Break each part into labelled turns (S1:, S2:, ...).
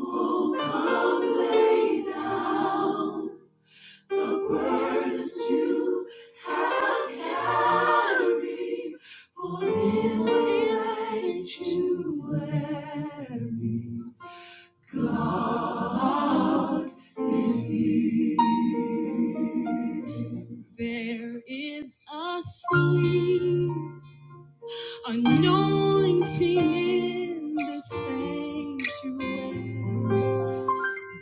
S1: Oh, come lay down. the burdens you have carried, for it was sanctuary. God is here. There is a sweet anointing in the sanctuary.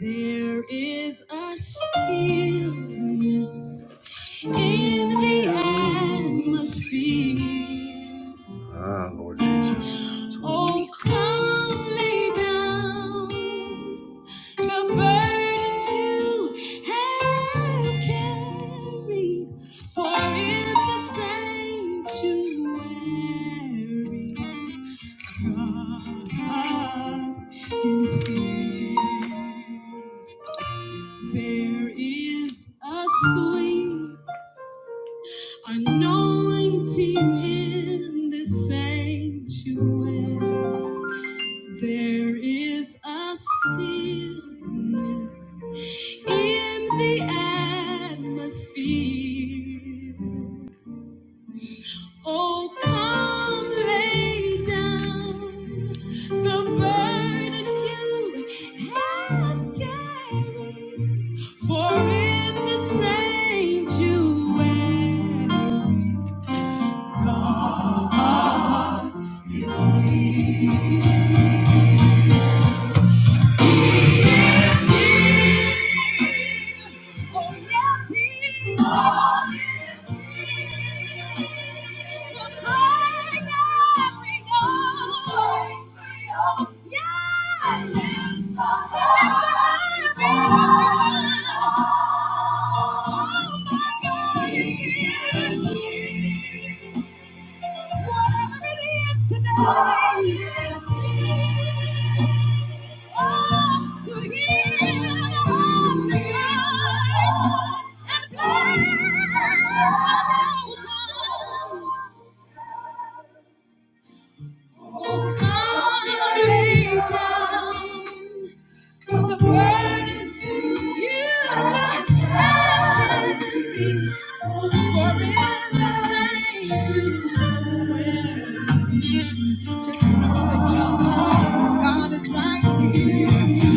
S1: There is a stillness in the atmosphere. Ah, Lord Jesus. Oh, come lay down the burdens you have carried, for in the sanctuary, God is here. There is a sweet Anointing in this sanctuary, there is a stillness in the atmosphere. Oh, come lay down the burden you have carried, for in the sanctuary. God is here. Oh, yes, he is. God is here. To bring every hour. Yes. To lift every burden. Oh, my God is here. Whatever it is today, oh, yes, yes. Oh, to hear the desire and say, Oh, come, lay down. From the burdens you have carried, all for it's a stranger. Just know that your God, God is right here.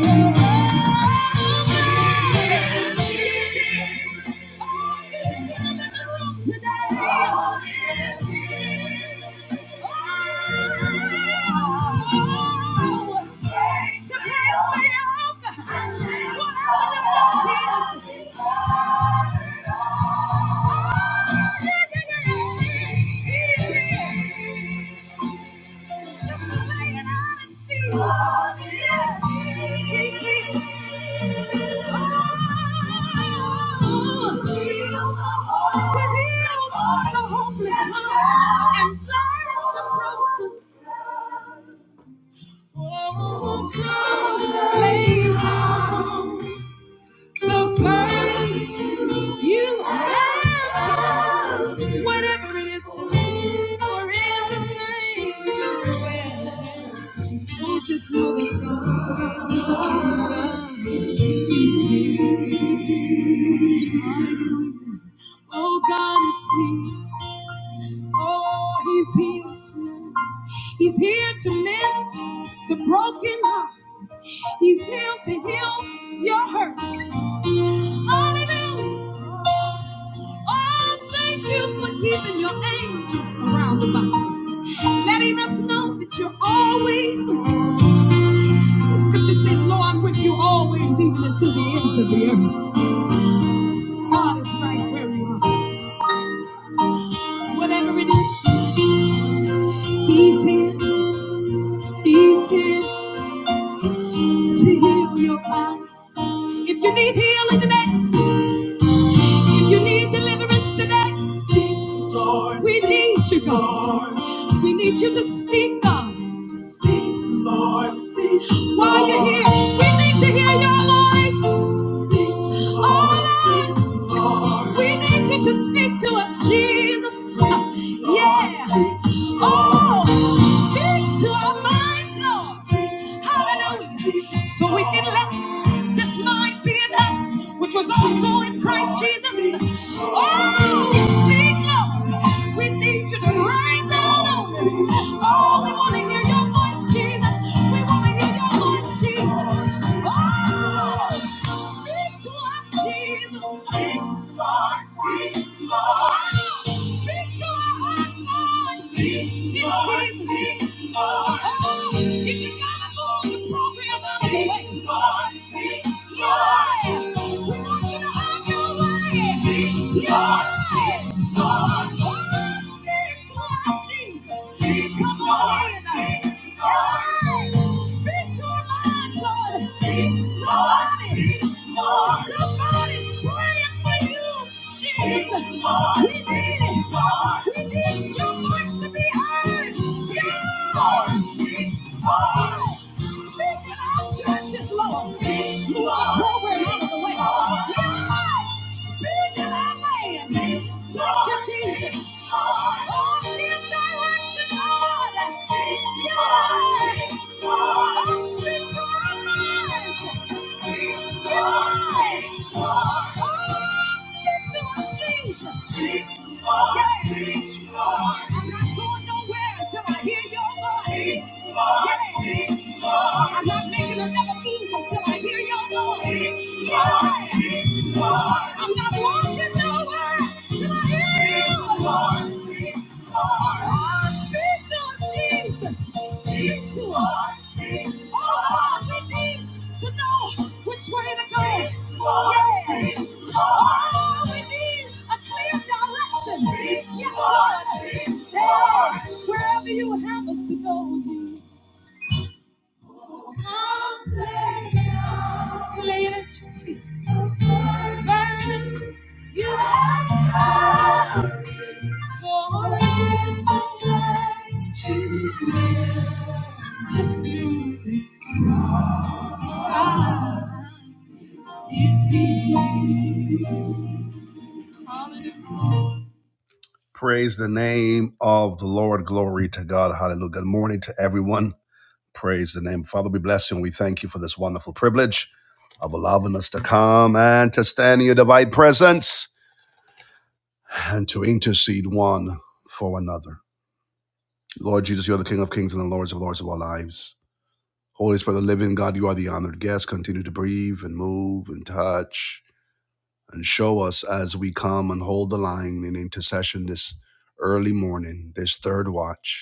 S1: Your God is here. Thank you. Just a man honest feeling. Yes, Oh, to heal the hopeless heart and slice the broken. Oh, God, lay down the burdens you have, whatever it is to me, are in the same way. Don't just know that God is here. Oh, God is here. Oh, He's here tonight. He's here to mend the broken heart. He's here to heal your hurt. Hallelujah. Oh, thank you for keeping your angels around about us, letting us know that you're always with us. The scripture says, Lord, I'm with you always, even until the ends of the earth. God is right where you are. Whatever it is, to you, He's here. He's here to heal your body. If you need healing today, If you need deliverance today, speak, Lord. We need you, God. We need you to speak, God. Speak, Lord. Speak. Lord. While you're here, we need to hear your voice. Speak, Lord. Oh, Lord. Speak, Lord. We need you to speak to us, Jesus. Speak, Lord. Yeah. Speak, Lord. Oh, speak to our minds, Lord. Speak, Lord. Hallelujah. Speak, So we can let let This mind be in us, which was also in Christ Jesus. Oh, speak, Lord. We need you to rain down on us. Oh, we want to hear your voice, Jesus. We want to hear your voice, Jesus. Oh, speak to us, Jesus. Speak, Lord. Speak, Lord. Oh, speak to our hearts, Lord. Speak, speak, Jesus. Lord, if you've you're got Speak Lord. Oh, speak to us, Jesus. Speak, come on. Speak, Lord. Speak to our minds, Lord. Speak so I see. Oh, somebody's praying for you, Jesus. We need it. We need your voice to be heard. Yeah. Speak in our churches, Lord. Move our program out of the way. Yeah. Spirit in our land. Thank you, Jesus. Jesus. Speak, Lord, yeah. speak, Lord. I'm not going nowhere until I hear your voice. Lord, yeah. I'm not making another move until I hear your voice. Speak, Jesus, speak to us. Oh, we need to know which way to go. Yeah. Oh, we need a clear direction. Yes, Lord. Yeah. Wherever you have us to go. you. Lay at your feet. Violence, you are God. For this is Just know that God is here. Hallelujah. Praise the name of the Lord. Glory to God. Hallelujah. Good morning to everyone. Praise the name. Father, we bless you and we thank you for this wonderful privilege of allowing us to come and to stand in your divine presence and to intercede one for another. Lord Jesus, you are the King of kings and the Lords of lords of our lives. Holy Spirit, the living God, you are the honored guest. Continue to breathe and move and touch and show us as we come and hold the line in intercession this early morning, this third watch.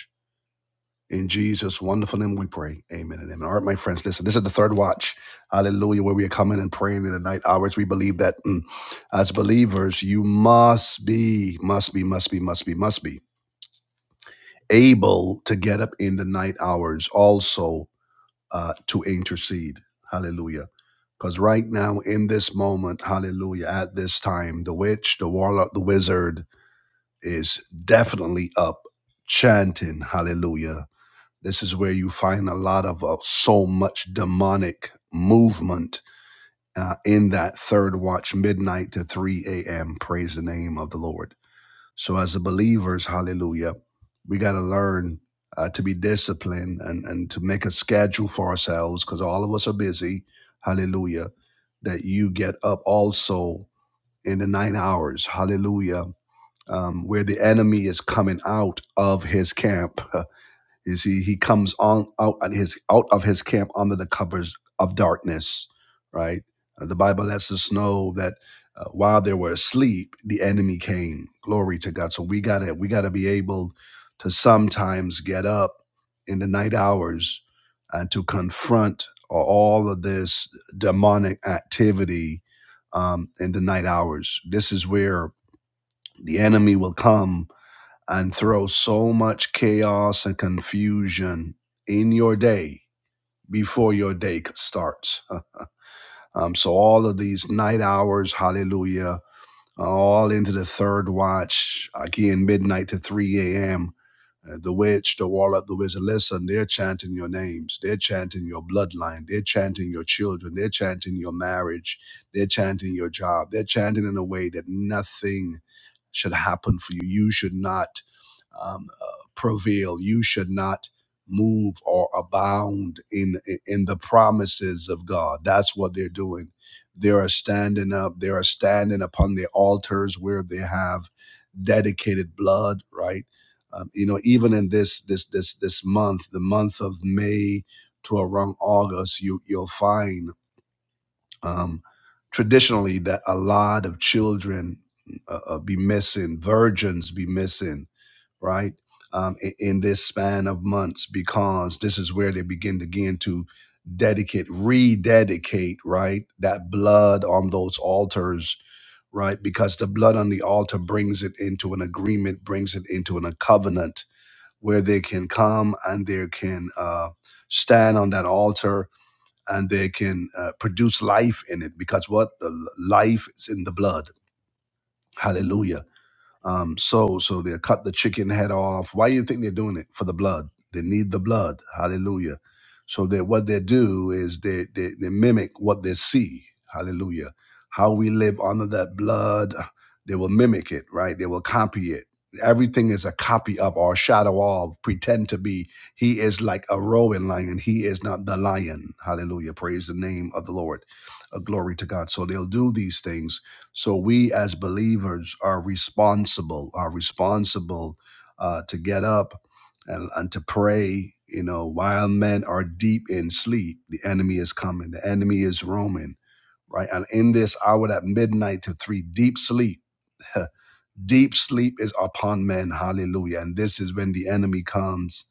S1: In Jesus' wonderful name we pray. Amen and amen. All right, my friends, listen, this is the third watch. Hallelujah, where we are coming and praying in the night hours. We believe that mm, as believers, you must be, must be, must be, must be, must be able to get up in the night hours also uh, to intercede. Hallelujah. Because right now, in this moment, hallelujah, at this time, the witch, the warlock, the wizard is definitely up chanting hallelujah this is where you find a lot of uh, so much demonic movement uh, in that third watch, midnight to 3 a.m. Praise the name of the Lord. So, as the believers, hallelujah, we got to learn uh, to be disciplined and, and to make a schedule for ourselves because all of us are busy. Hallelujah. That you get up also in the nine hours. Hallelujah. Um, where the enemy is coming out of his camp. is he he comes on out at his out of his camp under the covers of darkness right Uh, the bible lets us know that uh, while they were asleep the enemy came glory to god so we gotta we gotta be able to sometimes get up in the night hours and to confront all of this demonic activity um, in the night hours this is where the enemy will come and throw so much chaos and confusion in your day before your day starts. Um, so all of these night hours, hallelujah, all into the third watch, again, midnight to 3 a.m. Uh, the witch, the warlock, the wizard, listen, they're chanting your names. They're chanting your bloodline. They're chanting your children. They're chanting your marriage. They're chanting your job. They're chanting in a way that nothing should happen for you. You should not um, uh, prevail. You should not move or abound in in the promises of God. That's what they're doing. They are standing up. They are standing upon the altars where they have dedicated blood. Right. Um, you know, even in this this this this month, the month of May to around August, you you'll find um, traditionally that a lot of children uh, uh, be missing, virgins be missing right? Um, i- in this span of months, because this is where they begin again to dedicate, rededicate, right? That blood on those altars, right? Because the blood on the altar brings it into an agreement, brings it into an, a covenant where they can come and they can uh, stand on that altar and they can uh, produce life in it. Because what? The l- life is in the blood. Hallelujah um, so so they'll cut the chicken head off. Why do you think they're doing it? For the blood. They need the blood. Hallelujah. So that what they do is they, they they mimic what they see. Hallelujah. How we live under that blood, they will mimic it, right? They will copy it. Everything is a copy of or shadow of, pretend to be. He is like a roaring lion. He is not the lion. Hallelujah. Praise the name of the Lord. Uh, glory to God. So they'll do these things so we as believers are responsible, are responsible uh, to get up and, and to pray. You know, while men are deep in sleep, the enemy is coming, the enemy is roaming, right? And in this hour at midnight to three, deep sleep, deep sleep is upon men. Hallelujah. And this is when the enemy comes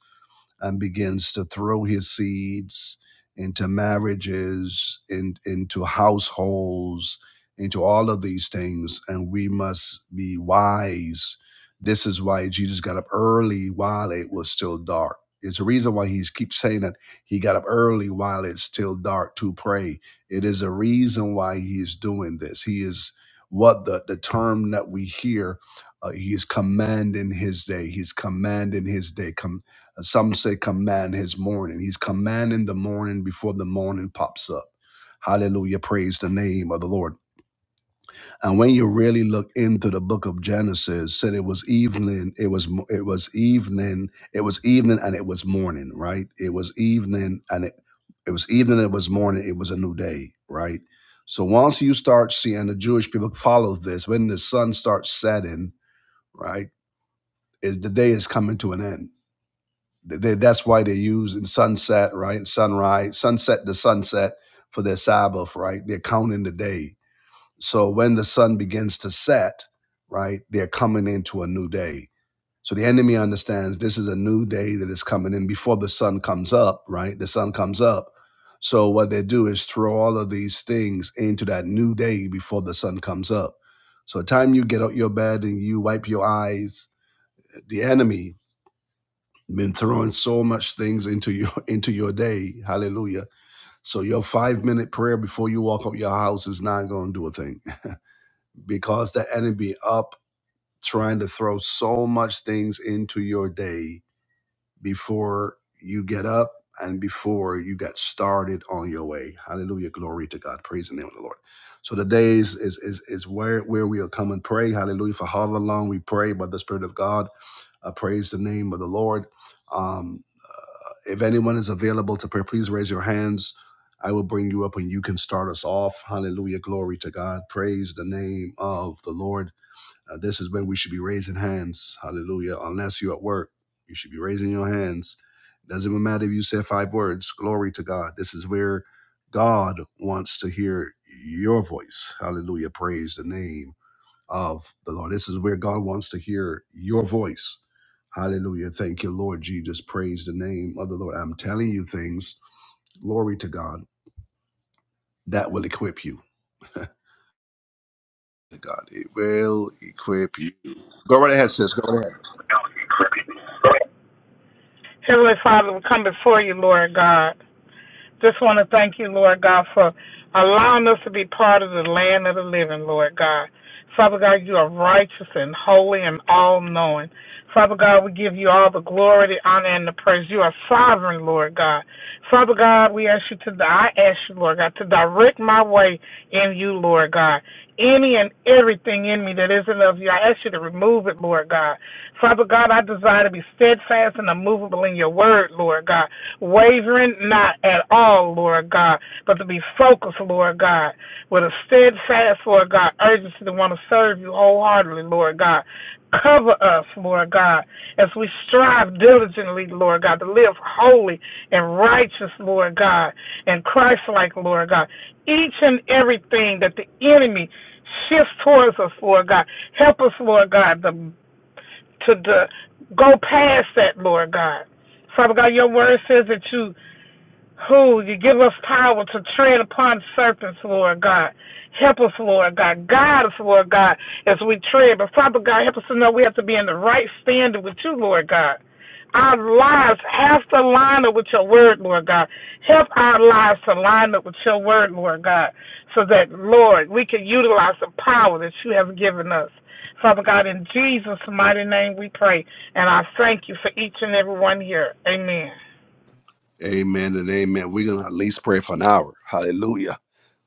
S1: and begins to throw his seeds into marriages, in, into households, into all of these things. And we must be wise. This is why Jesus got up early while it was still dark. It's a reason why he keeps saying that he got up early while it's still dark to pray. It is a reason why he's doing this. He is what the, the term that we hear uh, he is commanding his day. He's commanding his day. As Some say command his morning. He's commanding the morning before the morning pops up. Hallelujah. Praise the name of the Lord. And when you really look into the book of Genesis, said it was evening, it was mo- it was evening, it was evening and it was morning, right? It was evening and it it was evening, it was morning, it was a new day, right? So once you start seeing the Jewish people follow this, when the sun starts setting, right, is the day is coming to an end Th- that's why they use in sunset, right? Sunrise, sunset to sunset for their Sabbath, right? They're counting the day. So when the sun begins to set, right, they're coming into a new day. So the enemy understands this is a new day that is coming in before the sun comes up, right? The sun comes up. So what they do is throw all of these things into that new day before the sun comes up. So the time you get out your bed and you wipe your eyes, the enemy been throwing so much things into your into your day hallelujah so your five minute prayer before you walk up your house is not going to do a thing because the enemy up trying to throw so much things into your day before you get up and before you get started on your way hallelujah glory to god praise the name of the lord so the days is is is where where we'll come and pray hallelujah for however long we pray by the spirit of god i praise the name of the lord Um. If anyone is available to pray, please raise your hands. I will bring you up and you can start us off. Hallelujah. Glory to God. Praise the name of the Lord. Uh, this is when we should be raising hands. Hallelujah. Unless you're at work, you should be raising your hands. Doesn't even matter if you said five words. Glory to God. This is where God wants to hear your voice. Hallelujah. Praise the name of the Lord. This is where God wants to hear your voice. Hallelujah. Thank you, Lord Jesus. Praise the name of the Lord. I'm telling you things, glory to God, that will equip you. God, it will equip you. Go right ahead, sis. Go right ahead.
S2: Heavenly Father, we come before you, Lord God. Just want to thank you, Lord God, for allowing us to be part of the land of the living, Lord God. Father God, you are righteous and holy and all knowing. Father God, we give you all the glory, the honor, and the praise. You are sovereign, Lord God. Father God, we ask you to, I ask you, Lord God, to direct my way in you, Lord God. Any and everything in me that isn't of you, I ask you to remove it, Lord God. Father God, I desire to be steadfast and immovable in your word, Lord God. Wavering not at all, Lord God, but to be focused, Lord God, with a steadfast, Lord God, urgency to want to serve you wholeheartedly, Lord God. Cover us, Lord God, as we strive diligently, Lord God, to live holy and righteous, Lord God, and Christ like, Lord God. Each and everything that the enemy shifts towards us, Lord God. Help us, Lord God, to, to, to go past that, Lord God. Father God, your word says that you who you give us power to tread upon serpents, Lord God. Help us, Lord God. Guide us, Lord God, as we tread. But Father God, help us to know we have to be in the right standing with you, Lord God. Our lives have to line up with your word, Lord God. Help our lives to line up with your word, Lord God, so that, Lord, we can utilize the power that you have given us. Father God, in Jesus' mighty name we pray, and I thank you for each and every one here. Amen.
S1: Amen and amen. We're going to at least pray for an hour. Hallelujah.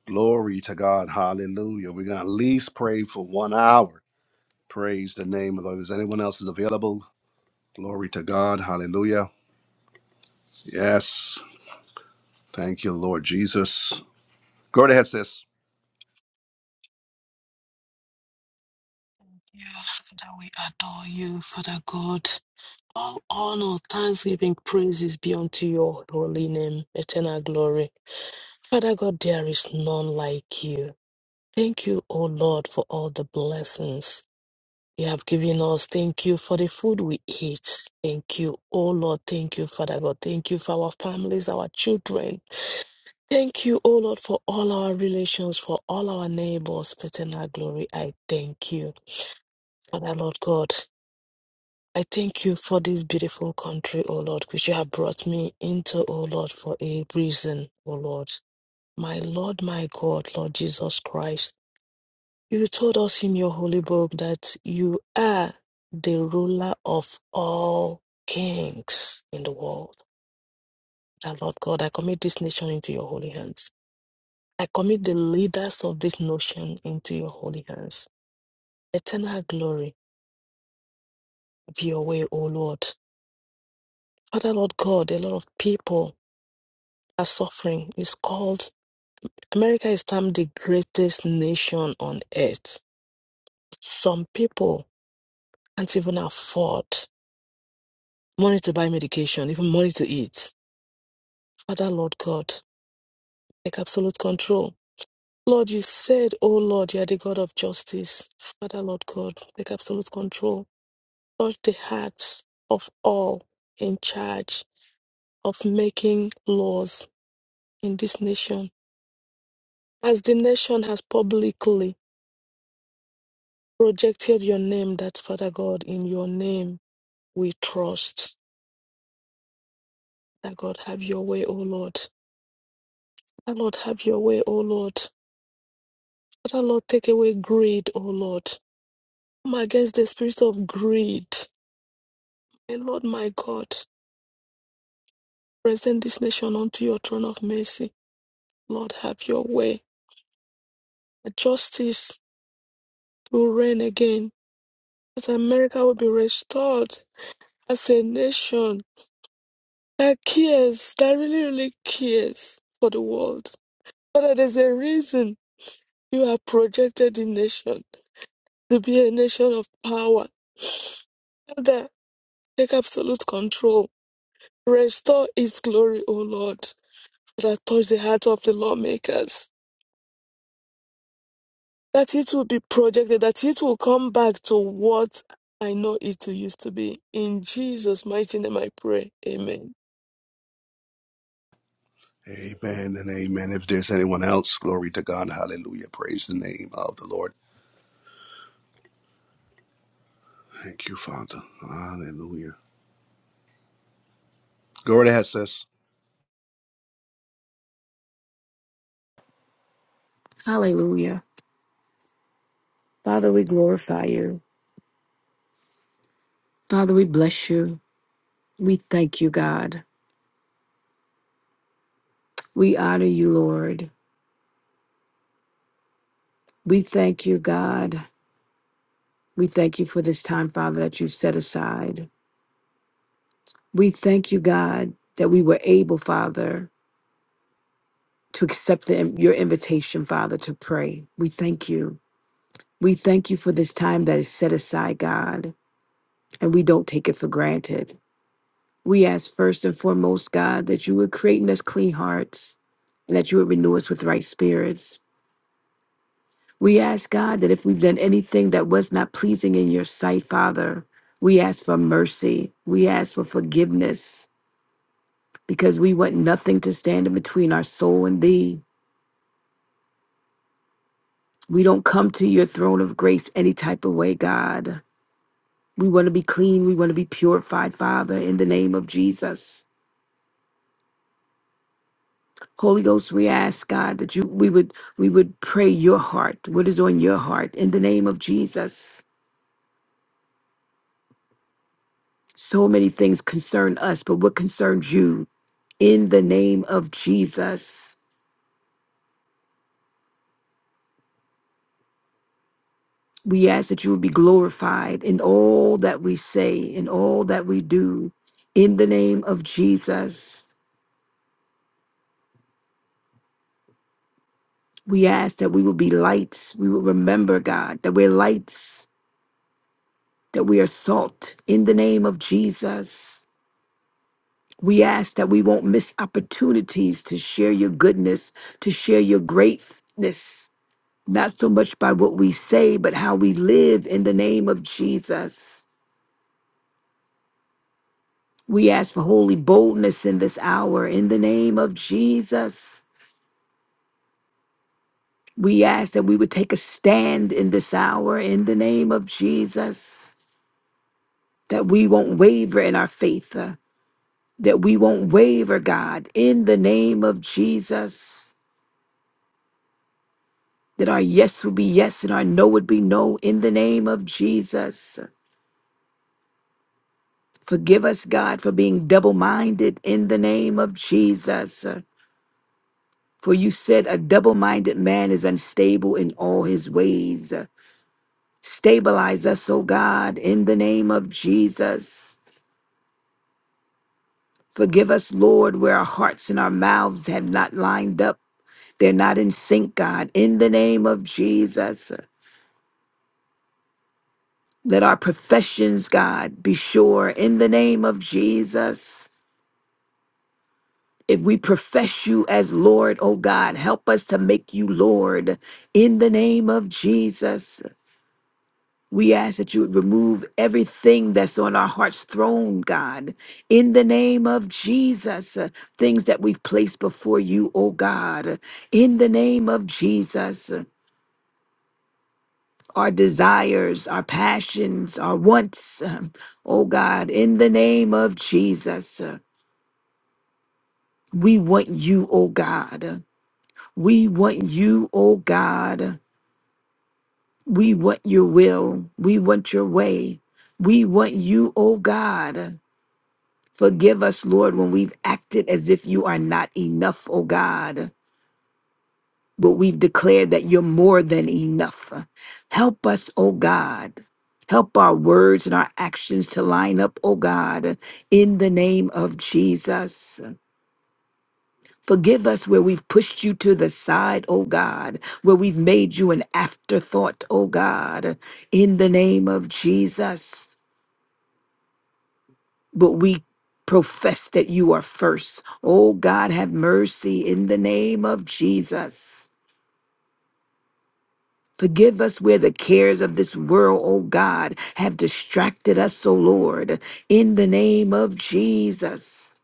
S1: Glory to God. Hallelujah. We're going to at least pray for one hour. Praise the name of the Lord. Is anyone else is available? Glory to God. Hallelujah. Yes. Thank you, Lord Jesus. Go right ahead, sis.
S3: you, Father. We adore you, Father God. All honor, thanksgiving, praises be unto your holy name, eternal glory. Father God, there is none like you. Thank you, O Lord, for all the blessings you have given us. Thank you for the food we eat. Thank you, O Lord. Thank you, Father God. Thank you for our families, our children. Thank you, O Lord, for all our relations, for all our neighbors. Eternal glory, I thank you. Father, Lord God. I thank you for this beautiful country, O Lord, which you have brought me into, O Lord, for a reason, O Lord. My Lord, my God, Lord Jesus Christ, you told us in your holy book that you are the ruler of all kings in the world. And Lord God, I commit this nation into your holy hands. I commit the leaders of this nation into your holy hands. Eternal glory be your way, O Lord. Father, Lord God, a lot of people are suffering. is called America is termed the greatest nation on earth. Some people can't even afford money to buy medication, even money to eat. Father, Lord God, take absolute control. Lord, you said, Oh Lord, you are the God of justice. Father, Lord God, take absolute control. Touch the hearts of all in charge of making laws in this nation. As the nation has publicly projected your name that Father God, in your name we trust. That God have your way, O Lord. That Lord have your way, O Lord. Father Lord, take away greed, O Lord. Come against the spirit of greed. And Lord my God, present this nation unto your throne of mercy. Lord, have your way. That justice will reign again. That America will be restored as a nation that cares, that really, really cares for the world. Father, there's a reason You have projected the nation to be a nation of power. Father, take absolute control. Restore its glory, O Lord. That touch the heart of the lawmakers. That it will be projected, that it will come back to what I know it used to be. In Jesus' mighty name I pray. Amen.
S1: Amen and amen. If there's anyone else, glory to God. Hallelujah. Praise the name of the Lord. Thank you, Father. Hallelujah. Go right ahead, sis.
S4: Hallelujah. Father, we glorify you. Father, we bless you. We thank you, God. We honor you, Lord. We thank you, God. We thank you for this time, Father, that you've set aside. We thank you, God, that we were able, Father, to accept the, your invitation, Father, to pray. We thank you. We thank you for this time that is set aside, God, and we don't take it for granted. We ask first and foremost, God, that you would create in us clean hearts and that you would renew us with right spirits. We ask, God, that if we've done anything that was not pleasing in your sight, Father, we ask for mercy. We ask for forgiveness because we want nothing to stand in between our soul and thee. We don't come to your throne of grace any type of way, God. We want to be clean. We want to be purified, Father, in the name of Jesus. Holy Ghost, we ask God that you we would we would pray your heart, what is on your heart in the name of Jesus. So many things concern us, but what concerns you in the name of Jesus. We ask that you would be glorified in all that we say, in all that we do, in the name of Jesus. We ask that we will be lights. We will remember, God, that we're lights, that we are salt in the name of Jesus. We ask that we won't miss opportunities to share your goodness, to share your greatness, not so much by what we say, but how we live in the name of Jesus. We ask for holy boldness in this hour in the name of Jesus. We ask that we would take a stand in this hour in the name of Jesus, that we won't waver in our faith, uh, that we won't waver, God, in the name of Jesus. that our yes would be yes and our no would be no in the name of Jesus. Forgive us, God, for being double minded in the name of Jesus. For you said a double minded man is unstable in all his ways. Stabilize us, O God, in the name of Jesus. Forgive us, Lord, where our hearts and our mouths have not lined up. They're not in sync, God, in the name of Jesus. Let our professions, God, be sure in the name of Jesus. If we profess you as Lord, oh God, help us to make you Lord in the name of Jesus. We ask that you would remove everything that's on our heart's throne, God, in the name of Jesus. uh, Things that we've placed before you, oh God, in the name of Jesus. Our desires, our passions, our wants, uh, oh God, in the name of Jesus. uh, We want you, oh God. We want you, oh God. We want your will. We want your way. We want you, oh God. Forgive us, Lord, when we've acted as if you are not enough, oh God, but we've declared that you're more than enough. Help us, oh God. Help our words and our actions to line up, oh God, in the name of Jesus. Forgive us where we've pushed you to the side, oh God, where we've made you an afterthought, oh God, in the name of Jesus. But we profess that you are first. Oh God, have mercy in the name of Jesus. Forgive us where the cares of this world, oh God, have distracted us, oh Lord, in the name of Jesus.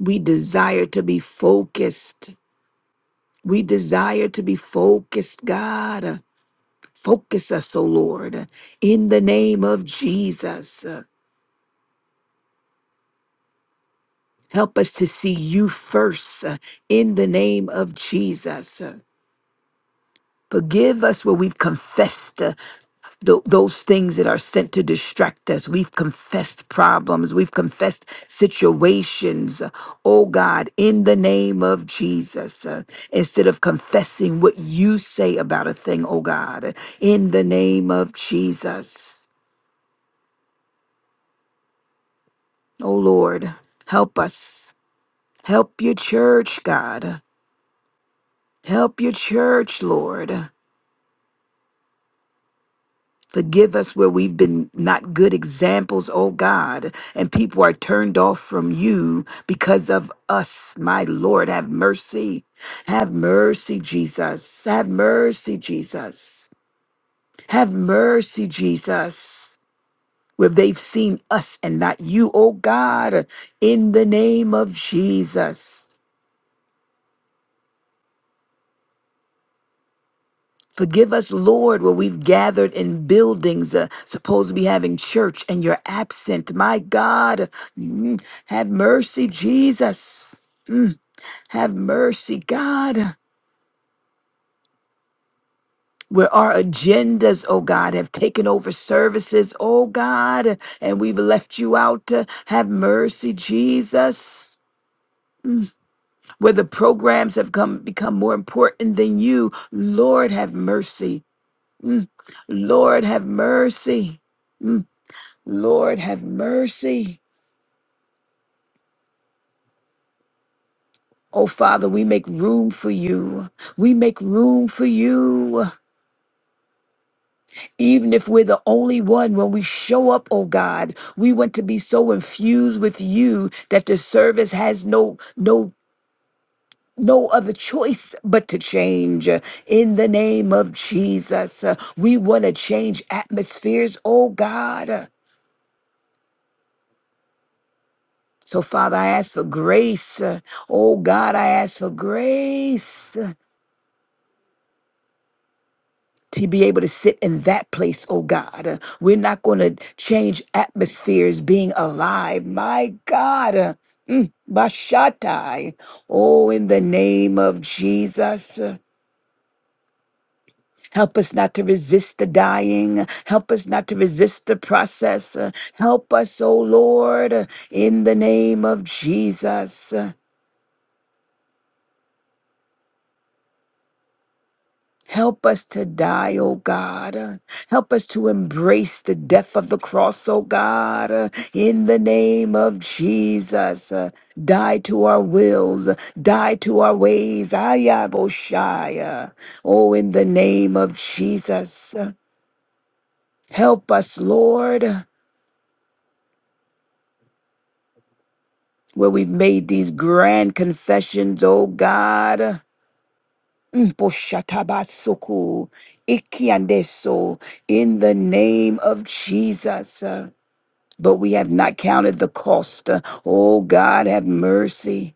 S4: We desire to be focused. We desire to be focused, God. Focus us, O Lord, uh, in the name of Jesus. Uh, Help us to see you first uh, in the name of Jesus. Uh, Forgive us where we've confessed uh, tho- those things that are sent to distract us. We've confessed problems. We've confessed situations. Uh, Oh God, in the name of Jesus, uh, instead of confessing what you say about a thing, oh God, in the name of Jesus, oh Lord, help us. Help your church, God. Help your church, Lord. Forgive us where we've been not good examples, oh God, and people are turned off from you because of us. My Lord, have mercy. Have mercy, Jesus. Have mercy, Jesus. Have mercy, Jesus. Where they've seen us and not you, oh God, in the name of Jesus. Forgive us, Lord, where we've gathered in buildings, uh, supposed to be having church, and you're absent. My God, mm, have mercy, Jesus. Mm, have mercy, God. Where our agendas, oh God, have taken over services, oh God, and we've left you out. uh, Have mercy, Jesus. Where the programs have come become more important than you, Lord, have mercy. Lord, have mercy. Lord, have mercy. Oh, Father, we make room for you. We make room for you. Even if we're the only one, when we show up, oh God, we want to be so infused with you that the service has no, no, no other choice but to change in the name of Jesus. uh, We want to change atmospheres, oh God. So, Father, I ask for grace. Oh God, I ask for grace to be able to sit in that place, oh God. Uh, We're not going to change atmospheres being alive. My God. Uh, mm, Bashatai. Oh, in the name of Jesus. uh, Help us not to resist the dying. Help us not to resist the process. Uh, Help us, oh Lord, uh, in the name of Jesus. Uh, Help us to die, O God. Uh, Help us to embrace the death of the cross, O God, Uh, in the name of Jesus. uh, Die to our wills, uh, die to our ways. Ayaboshaya. Oh, in the name of Jesus. uh, Help us, Lord, uh, where we've made these grand confessions, O God. Uh, Poshatabasuku, Ikiandeso, in the name of Jesus. but we have not counted the cost. Oh, God, have mercy.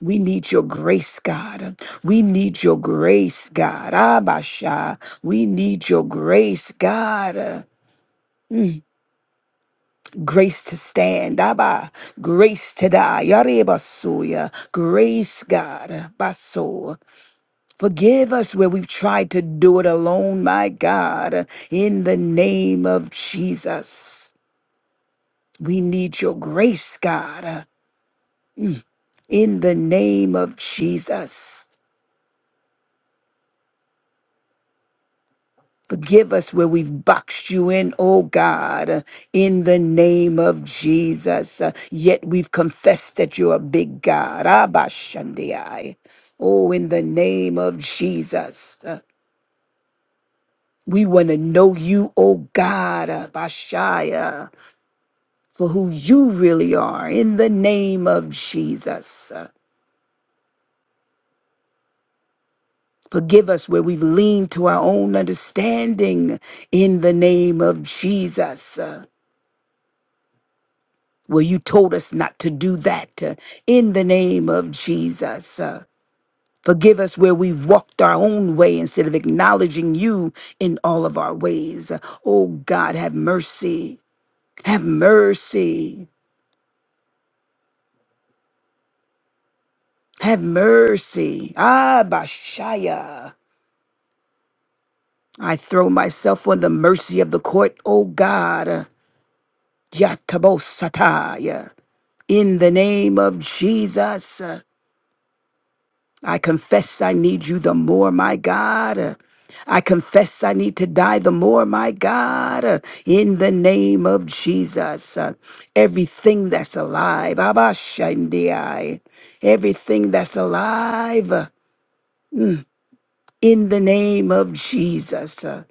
S4: We need your grace, God. We need your grace, God. Abasha. We need your grace, God. Mm, Grace to stand, Abba. Grace to die, Yarebasuya. Grace, God, Baso. Forgive us where we've tried to do it alone, my God. In the name of Jesus, we need your grace, God. Mm. in the name of Jesus. Forgive us where we've boxed you in, oh God, in the name of Jesus. Uh, Yet we've confessed that you're a big God. Abba Shandiai. Oh, in the name of Jesus. Uh, We want to know you, oh God, Bashaya, for who you really are, in the name of Jesus. Forgive us where we've leaned to our own understanding in the name of Jesus. Uh, Where you told us not to do that uh, in the name of Jesus. Uh, Forgive us where we've walked our own way instead of acknowledging you in all of our ways. Uh, Oh God, have mercy. Have mercy. Have mercy. Ah, Bashaya. I throw myself on the mercy of the court, O God. Yatabosataya. In the name of Jesus, uh, I confess I need you the more, my God. Uh, I confess I need to die the more, my God. Uh, In the name of Jesus, uh, everything that's alive, Abba Shandiai, everything that's alive, uh, in the name of Jesus, uh,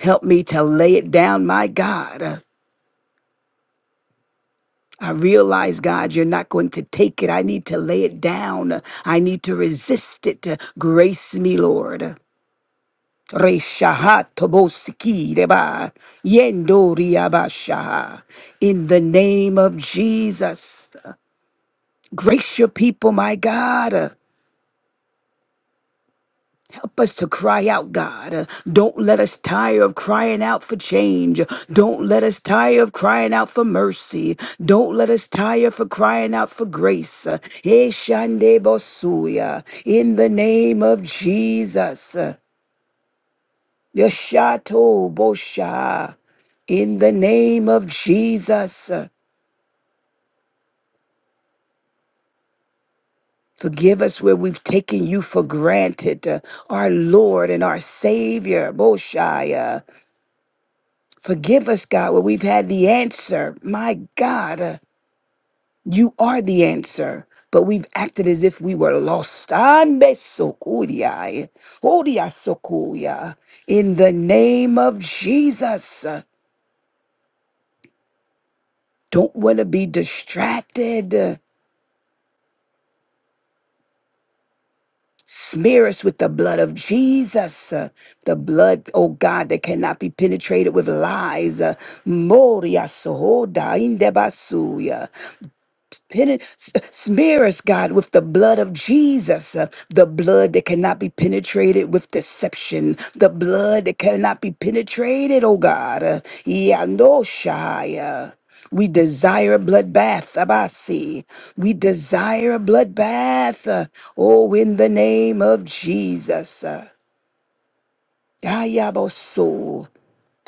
S4: help me to lay it down, my God. I realize, God, you're not going to take it. I need to lay it down. I need to resist it. Grace me, Lord. Reshahat tobosiki reba, yendo riabasha. In the name of Jesus, grace your people, my God. us to cry out, God. Uh, Don't let us tire of crying out for change. Don't let us tire of crying out for mercy. Don't let us tire for crying out for grace. Uh, Eshande Bosuya, In the name of Jesus. Uh, Yeshato Bosha. In the name of Jesus. Uh, Forgive us where we've taken you for granted, uh, our Lord and our Savior, Boshaya. Forgive us, God, where we've had the answer. My God, uh, you are the answer. But we've acted as if we were lost. Ande sokuriai, oria sokuria. In the name of Jesus, uh, don't want to be distracted. Uh, Smear us with the blood of Jesus, uh, the blood, oh God, that cannot be penetrated with lies. Uh, moria sohoda indebasuya. Peni- s- Smear us, God, with the blood of Jesus, uh, the blood that cannot be penetrated with deception, the blood that cannot be penetrated, oh God. Uh, Yanoshaya. We desire a bloodbath, Abasi. We desire a bloodbath, uh, oh, in the name of Jesus. uh. Ayaboso.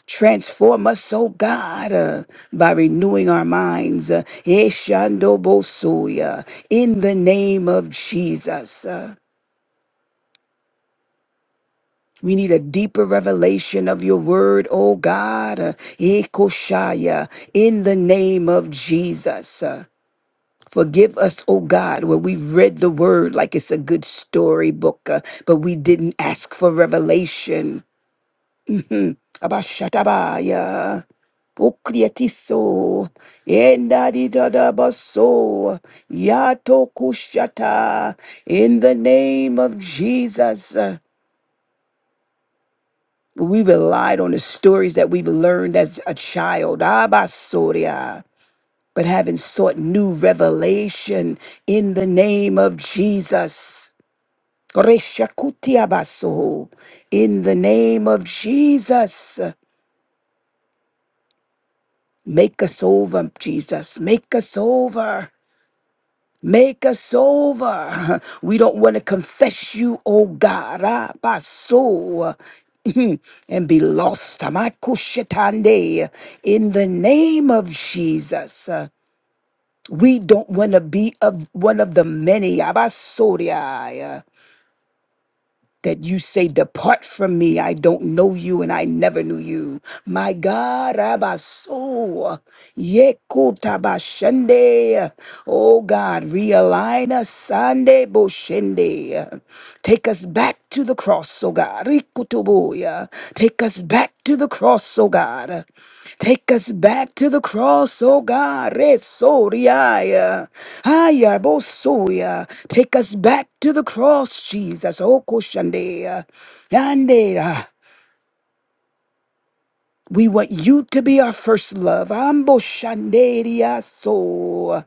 S4: Transform us, oh God, uh, by renewing our minds. Uh, Eshandobosuya, in the name of Jesus. Uh, we need a deeper revelation of your word, oh God. Uh, Ekoshaya, in the name of Jesus. Uh, Forgive us, O God, where we've read the word like it's a good storybook, uh, but we didn't ask for revelation. Abashatabaya. Pukriatiso, Endadidadabaso, Yato Kushata, in the name of Jesus. uh, We relied on the stories that we've learned as a child, Abasoria, but having sought new revelation in the name of Jesus. Koreshakutiabaso, In the name of Jesus, make us over, Jesus, make us over. Make us over. We don't want to confess you, oh God, ah, by soul. and be lost. Tamakushetande. In the name of Jesus. Uh, We don't want to be of one of the many. Abasoria that you say, Depart from me, I don't know you and I never knew you. My God, Abaso, Yekutabashende, oh God, realign us, Sande Boshende. Take us back to the cross, oh God, Rikutubuya. Take us back to the cross, oh God. Take us back to the cross, oh God. Resoriaya. Aya, bosoya. Take us back to the cross, Jesus. Oh, koshandea. Yandera. We want you to be our first love. Amboshanderia so.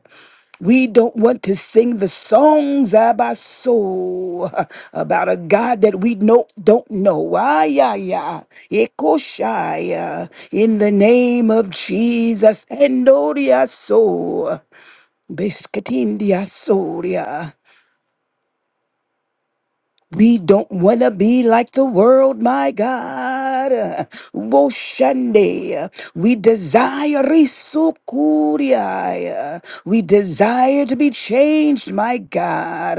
S4: We don't want to sing the songs of our soul about a God that we know, don't know. Ah, yeah, yeah. Ekoshaya. In the name of Jesus. Endoria soul. Biscatindia we don't want to be like the world, my God. Woshande. We desire risukuriai. We desire to be changed, my God.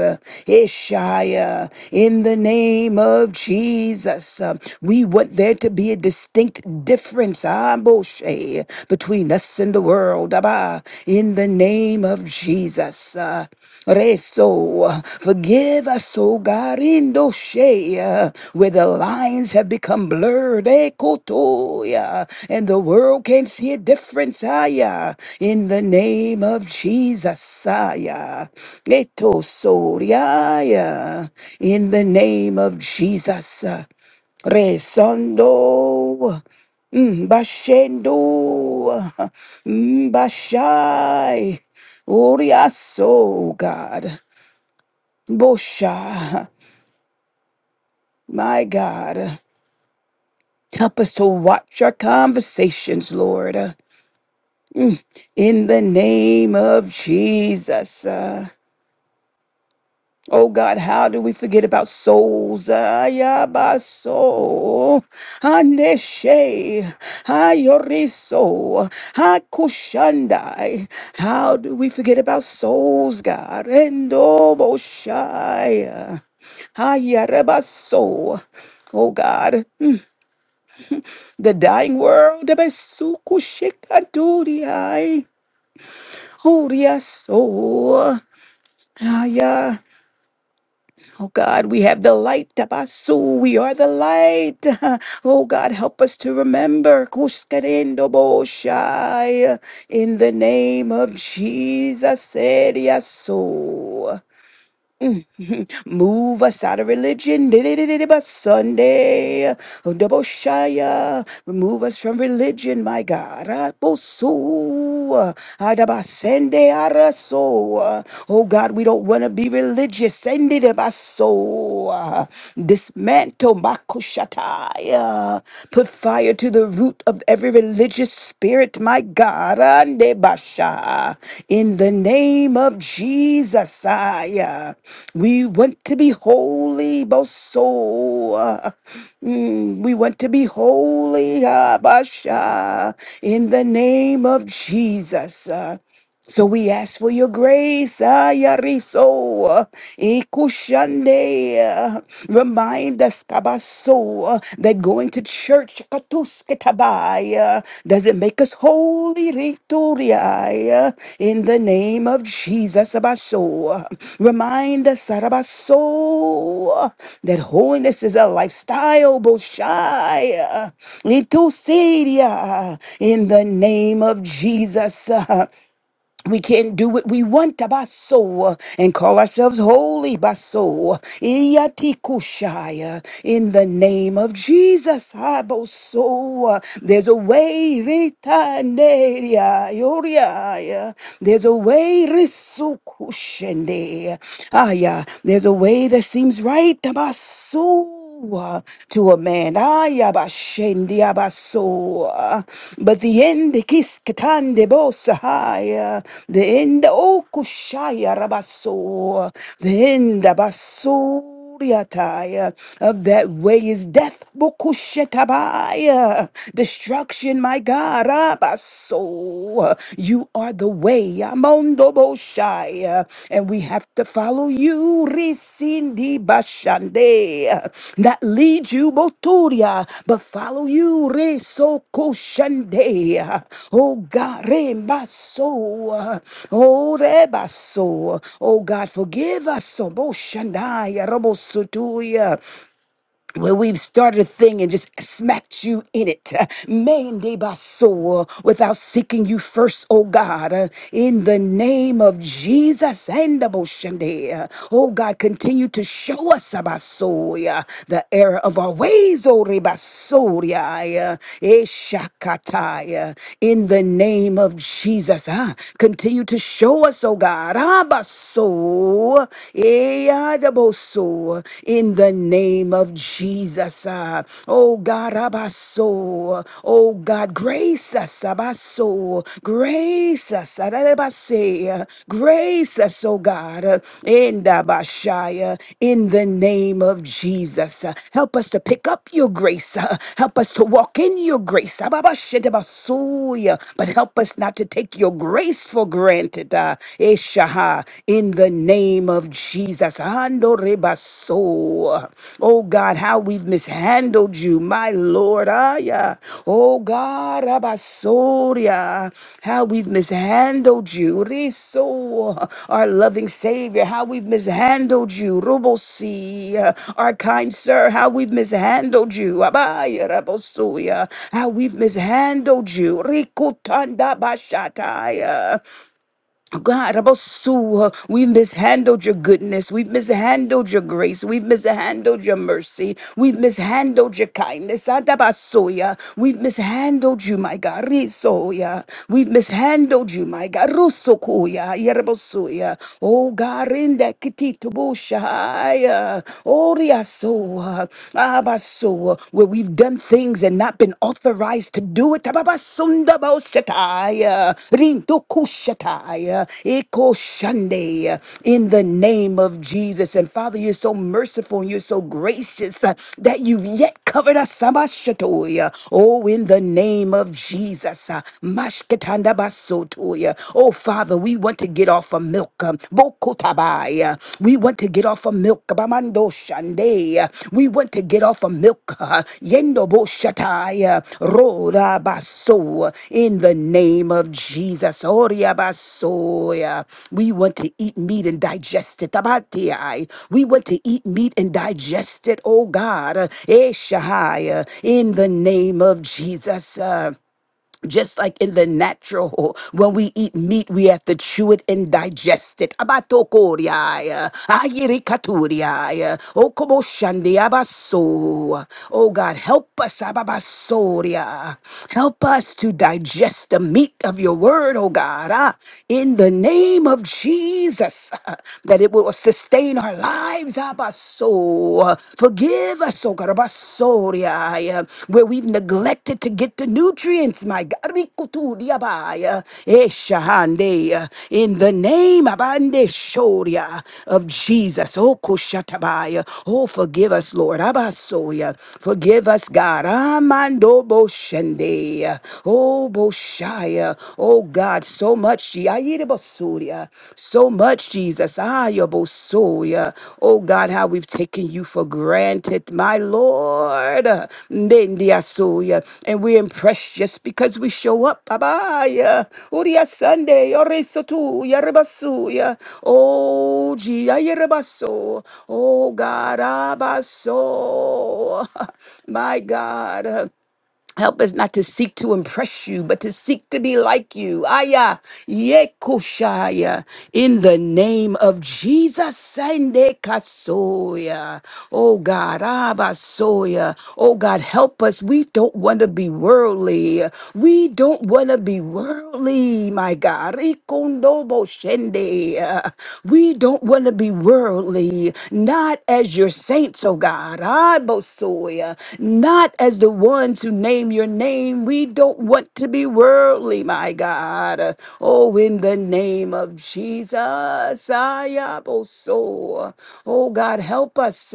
S4: Ishaya. In the name of Jesus. We want there to be a distinct difference, ah, Moshe, between us and the world. Abba. In the name of Jesus. Reso, forgive us, O God, in those shea, uh, where the lines have become blurred, ekotoya, and the world can't see a difference, aya, in the name of Jesus, aya, etosoria, in the name of Jesus. ah. Resondo. Mbashendo. Mbashai. Oriaso, God. Bosha. My God. Help us to watch our conversations, Lord. In the name of Jesus. Oh God, how do we forget about souls? Ayabaso, Aneshe, Ayoriso, Hakushandai. How do we forget about souls, God? Endoboshai, Ayarebaso. Oh God, the dying world, Besukushikadudiai, Oriaso, Aya. Oh God, we have the light of our We are the light. Oh God, help us to remember. Kushkerendobosha. In the name of Jesus, said yes, so. Move us out of religion. Sunday. Double Remove us from religion, my God. Rabosu, adabasende araso. Oh God, we don't want to be religious. Send it about so. Ah, Dismantle makushatai. Put fire to the root of every religious spirit, my God. Ande basha. In the name of Jesus, I, uh, we want to be holy, Boso. Uh, Mm, we want to be holy, Abasha, in the name of Jesus. uh, so we ask for your grace, Ayariso, Ikushande. Remind us, Kabaso, that going to church, Katusketabai, doesn't make us holy, Rituria, eh, in the name of Jesus, Abaso. Remind us, Sarabaso, that holiness is a lifestyle, Boshai, Ritusidia, in the name of Jesus. eh we can't do what we want baso and call ourselves holy baso Iyatikushaya. in the name of jesus haboso there's a way ritanderia, yoriaya. there's a way risukushende. Aya. there's a way that seems right baso uh, to a man. Ay, abashendi, abaso, uh, But the end, kiskatande bosahaya, the end, okushaya rabaso, the end, abaso. Kuriataya. Of that way is death, Bokushetabaya. Destruction, my God, Abaso. You you are the way. Yamondo Boshai. Uh, And we have to follow you. Risindi Bashande. Uh, Not lead you, Boturia, but follow you. Resoko Shande. Oh God, Rembaso. Uh, Oh Rebaso. Oh God, forgive us. Boshandaya Robosutuya where we've started a thing and just smacked you in it, mande baso, uh, without seeking you first, oh God, Uh, in the name of Jesus and the Boshande. uh, Oh God, continue to show us abasoya, the error of our ways, oh rebasoria, uh, eshakataya, in the name of Jesus. Ah, continue to show us, oh God, abaso, also in the name of Jesus. ah. Oh God, Abaso. Oh God, grace us, Abaso. Grace us, Arabase. Grace us, oh God, in Dabashaya, in the name of Jesus. Ah, Help us to pick up your grace. Ah, Help us to walk in your grace. Ababashetabasoya. But help us not to take your grace for granted. ah. Eshaha in the name of Jesus. Ando rebaso. Oh God, how we've mishandled you, my Lord. Aya. Oh God, abasoria. how we've mishandled you. Riso, our loving Savior, how we've mishandled you. Rubosi, our kind sir, how we've mishandled you. Abaya rabosoya, how we've mishandled you. Rikutanda bashataya. God, Abasu, we've mishandled your goodness. We've mishandled your grace. We've mishandled your mercy. We've mishandled your kindness. Adabasuya, We've mishandled you, my God. Risoya. We've mishandled you, my God. Rusukuya. Yerabasuya. Oh, God, in that kititubushaya. Oh, Riasoa. Abasoa. Where we've done things and not been authorized to do it. Tababasundaboshatai, rindukushatai, ekoshande, In the name of Jesus. And Father, you're so merciful and you're so gracious uh, that you've yet covered us. Sabashatoya. Oh, in the name of Jesus. uh, Mashketandabasotoya. Oh, Father, we want to get off of milk. um, Rabai. We want to get off of milk. Bamando Shande. We want to get off of milk. Yendo Bo Shatai. Roda Baso. In the name of Jesus. Oria Basoya. We want to eat meat and digest it. Tabatiai. We want to eat meat and digest it, oh God. Eh, Shahai. In the name of Jesus just like in the natural, when we eat meat, we have to chew it and digest it. Abatokoriaya, ayirikaturiaya, okoboshandiabaso. Oh God, help us, ababasoria. help us to digest the meat of your word, oh God, ah, in the name of Jesus, that it will sustain our lives, abaso. Forgive us, oh God, Abasoria, where we've neglected to get the nutrients, my God. Rikuturiabaya, Eshahande, yeah, In the name Abande Shoria, of Jesus. Oh, Kushatabaya. Oh, forgive us, Lord. Abasoya. Forgive us, God. Amando Boshende. yeah. Oh, Boshaya. Oh, God, so much. Yebosuria. So much, Jesus. Ah, Yebosuria. Oh God, how we've taken you for granted, my Lord. Mendiasuya. And we're impressed just because we show up. Abaya. Uria Sunday. Oresotu. Yerebasuya. Oh, Gia Yerebaso. Oh God, Abaso. My God. Help us not to seek to impress you, but to seek to be like you. Aya, Yekushaya, in the name of Jesus, Sande Kasoya. Oh God, Abasoya. Oh God, help us. We don't want to be worldly. We don't want to be worldly, my God. Rikondobo Shende. We don't want to be worldly, not as your saints, oh God. Abosoya, not not as the ones who name your name. We don't want to be worldly, my God. Oh, in the name of Jesus. Ayaboso. Oh, God, help us.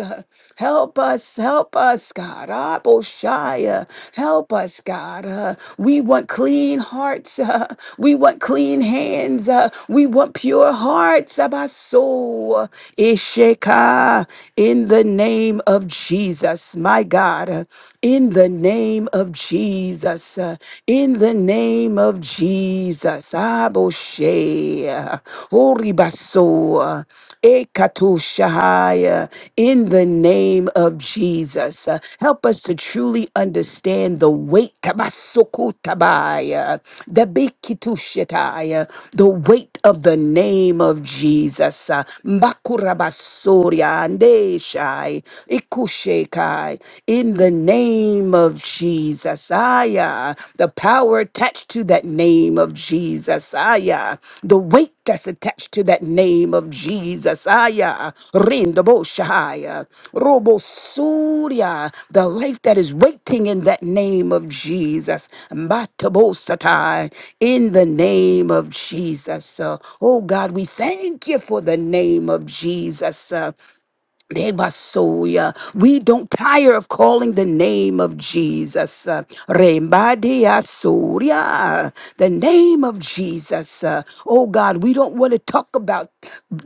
S4: Help us. Help us, God. Aboshaya. Help us, God. Uh, we want clean hearts. uh, we want clean hands. uh, we want pure hearts. Abaso. Isheka. In the name of Jesus. Jesus, my God, uh, in the name of Jesus, uh, in the name of Jesus, Aboshe, uh, Oribaso, uh, Ekatoshahaya, in the name of Jesus. Uh, Help us to truly understand the weight, tabasokotabaya, the bikitushetaya, the weight of the name of Jesus. Uh, Mbakurabasoria andeshai, ikushekai, In the name of Jesus. Aya, the power attached to that name of Jesus. Aya, the weight that's attached to that name of of Jesus. Aya, Rindobo Shahaya, Robo Surya, the life that is waiting in that name of Jesus. Matabo Satai, in the name of Jesus. Uh, Oh God, we thank you for the name of Jesus. Rebasoya. We don't tire of calling the name of Jesus. Uh, Rembadiasoria. The name of Jesus. Uh, Oh God, we don't want to talk about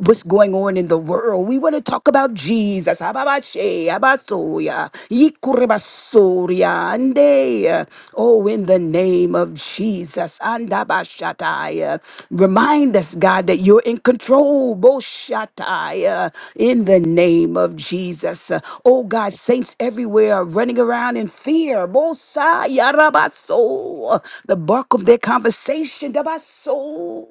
S4: what's going on in the world. We want to talk about Jesus. Ababashe, abasoya, ikurebasoria, ande. Uh, Oh, in the name of Jesus. Andabashataya. Remind us God, that you're in control, Boshatai, uh, in the name of Jesus. Uh, oh God, saints everywhere are running around in fear, Bosai, Yarabaso, the bulk of their conversation, Dabaso.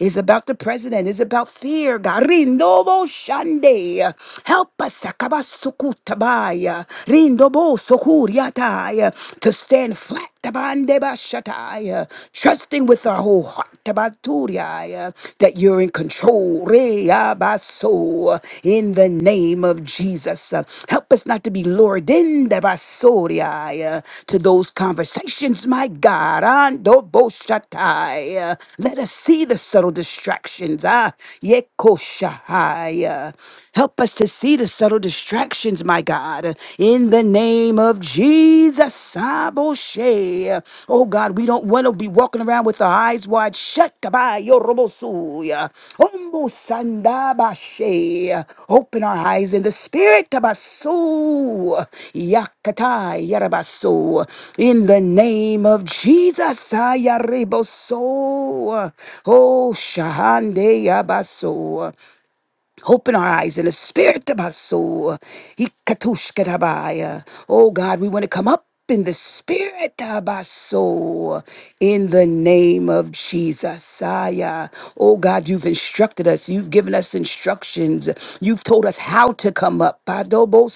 S4: Is about the president, is about fear. Garinobo Shande. Help us Sakabasukutabaya. Rindobo Sokuriataya. to stand flat Tabandebashatai, uh, Trusting with our whole heart tabaturiai, uh, that you're in control. Reabaso, uh, In the name of Jesus. Uh, Help us not to be lured in debasoriai, uh, to those conversations, my God. Andoboshatai, uh, Let us see the subtle distractions. Ah, yekoshahai, uh, Help us to see the subtle distractions, my God, in the name of Jesus. Aboshe. Oh God, we don't want to be walking around with our eyes wide shut. Kabayo robosuya. Ombo sandabashe. Open our eyes in the spirit. Kabasu. Yakatai yarabasu. In the name of Jesus. Ayareboso. Oh, Shahande Yabaso. Open our eyes in the spirit of our soul. Ikatushkatabaya. Oh God, we want to come up in the spirit of our soul in the name of Jesus. Aya. Oh God, you've instructed us. You've given us instructions. You've told us how to come up. Padobosu.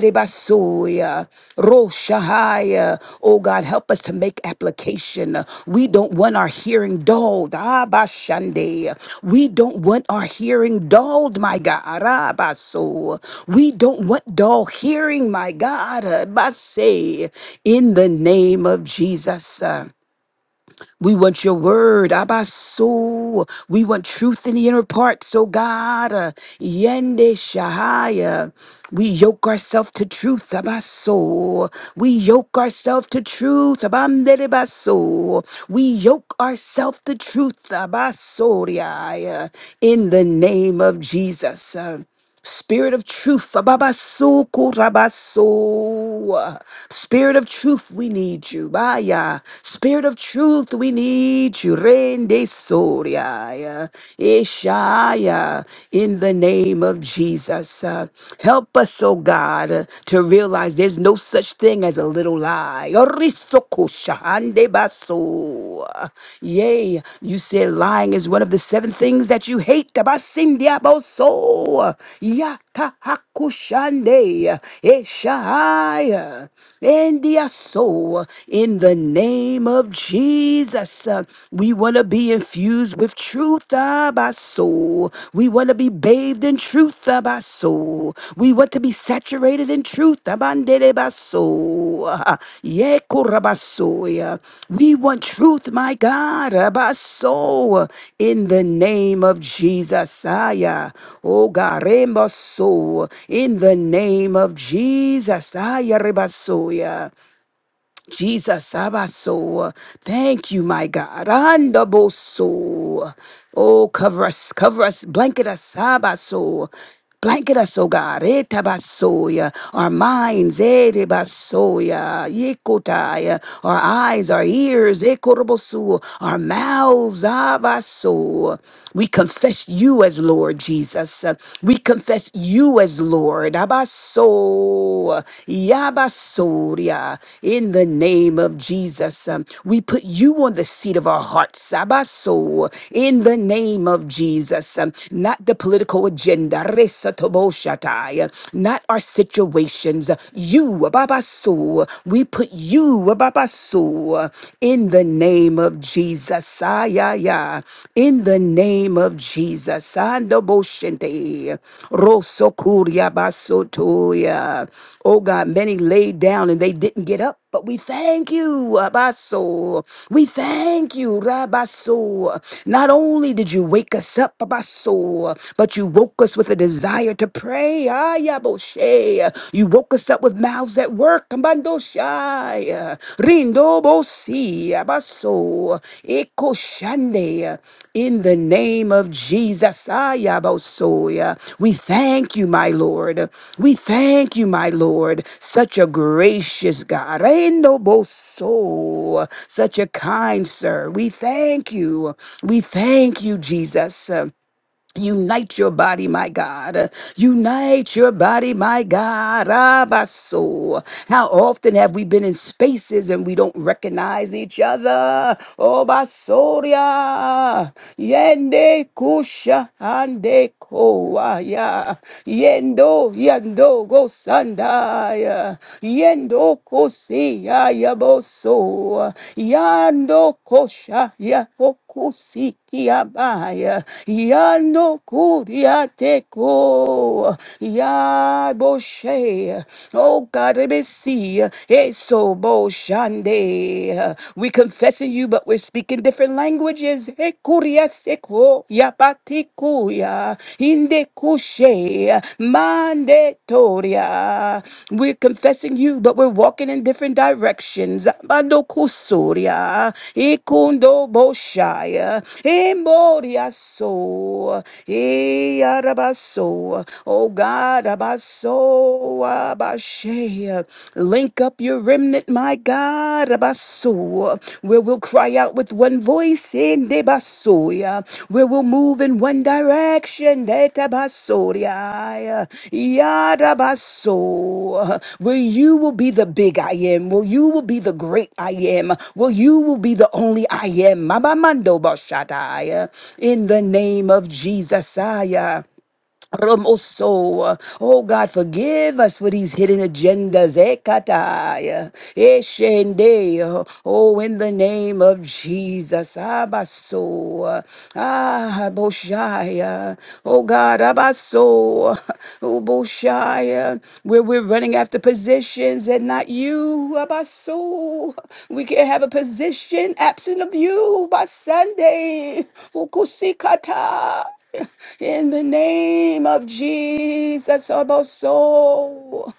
S4: Handerebasoya, Roshahaya. Oh God, help us to make application. We don't want our hearing dulled. Abashande. We don't want our hearing dulled, my God. Arabaso. We don't want dull hearing, my God. Abase. In the name of Jesus. We want your word, Abba soul. We want truth in the inner parts, oh God. Uh, Yende Shahaya. We yoke ourselves to truth, Abba soul. We yoke ourselves to truth, Abamdere Baso. We yoke ourselves to truth, Abba Soriaya. In the name of Jesus. Spirit of truth, ababasukurabasu. Spirit of truth, we need you. Baya. Spirit of truth, we need you. Rende soria, Ishaya. In the name of Jesus, uh, help us, oh God, uh, to realize there's no such thing as a little lie shahande baso. Yea, you said lying is one of the seven things that you hate. Tabasindia baso. Yakahakushande. Eshahaya. India soul. In the name of Jesus, uh, we want to be infused with truth. Abaso. We we want to be bathed in truth of We want to be saturated in truth. Abandere baso. Ye korabasoya. We want truth, my God. Abaso. In the name of Jesus. Aya. Oh God. In the name of Jesus. Aya rebasoya. Jesus, Abaso. Thank you, my God. Andaboso. Oh, cover us, cover us, blanket us, Abaso. Blanket us, oh God, etabasoya, our minds, edebasoya, yikotaya, our eyes, our ears, ekorobosu, our mouths, abaso. We confess you as Lord Jesus. Uh, We confess confess you as Lord. Abaso, Yabasoria, in the name of Jesus. Um, We put you on the seat of our hearts. Abaso, in the name of Jesus. Um, Not the political agenda, Resatoboshatai, not our situations. You, Ababaso, we put you, Ababaso, in the name of Jesus. Jesus. Ah, yeah, yeah. In the name of Jesus. Andoboshente. Rosokuria basotoya. Oh God, many laid down and they didn't get up. But we thank you, Abaso. We thank you, Rabaso. Not only did you wake us up, Abaso, but you woke us with a desire to pray. Ayaboshe. You woke us up with up with mouths that work. Kambando shai, rindo bosi, abaso, eko shande. In the name of Jesus, ayabasoya. we thank you, my Lord. We thank you, my Lord. Such a gracious God, rendo boso, such a kind sir. We thank you. We thank you, Jesus. Unite your body, my God. Unite your body, my God. Abaso. How often have we been in spaces and we don't recognize each other? Oh, Basoria. Yende kusha ande koaya. Yendo yendo go sandaya. Yendo kosi ya yabo so. Yando kosha ya kusikiabaya yano kuriateko ya boshe oh God let me see eso boshande we confessing you but we're speaking different languages he kuriaseko ya patikuya inde kushe Mande Toria. We're confessing you, but we're walking in different directions. Mando Kusuria, Ikundo Boshaya, Emoria So, Earabaso, Oh God, Abaso, Abashea. Link up your remnant, my God, Abaso where we'll cry out with one voice in Debasoya, where we'll move in one direction, Detabasoria, Yadabaso, where you will be the big I am, where you will be the great I am, where you will be the only I am, Mabamando Bashataya, in the name of Jesus. Ramoso. Oh God, forgive us for these hidden agendas. Ekataya. Eshende. Oh, in the name of Jesus. Abaso. Ah, Boshaya. Oh God, Abaso. Oh, Boshaya. Where we're running after positions and not you. Abaso. We can't have a position absent of you by Sunday. Ukusikata. In the name of Jesus, Oboso,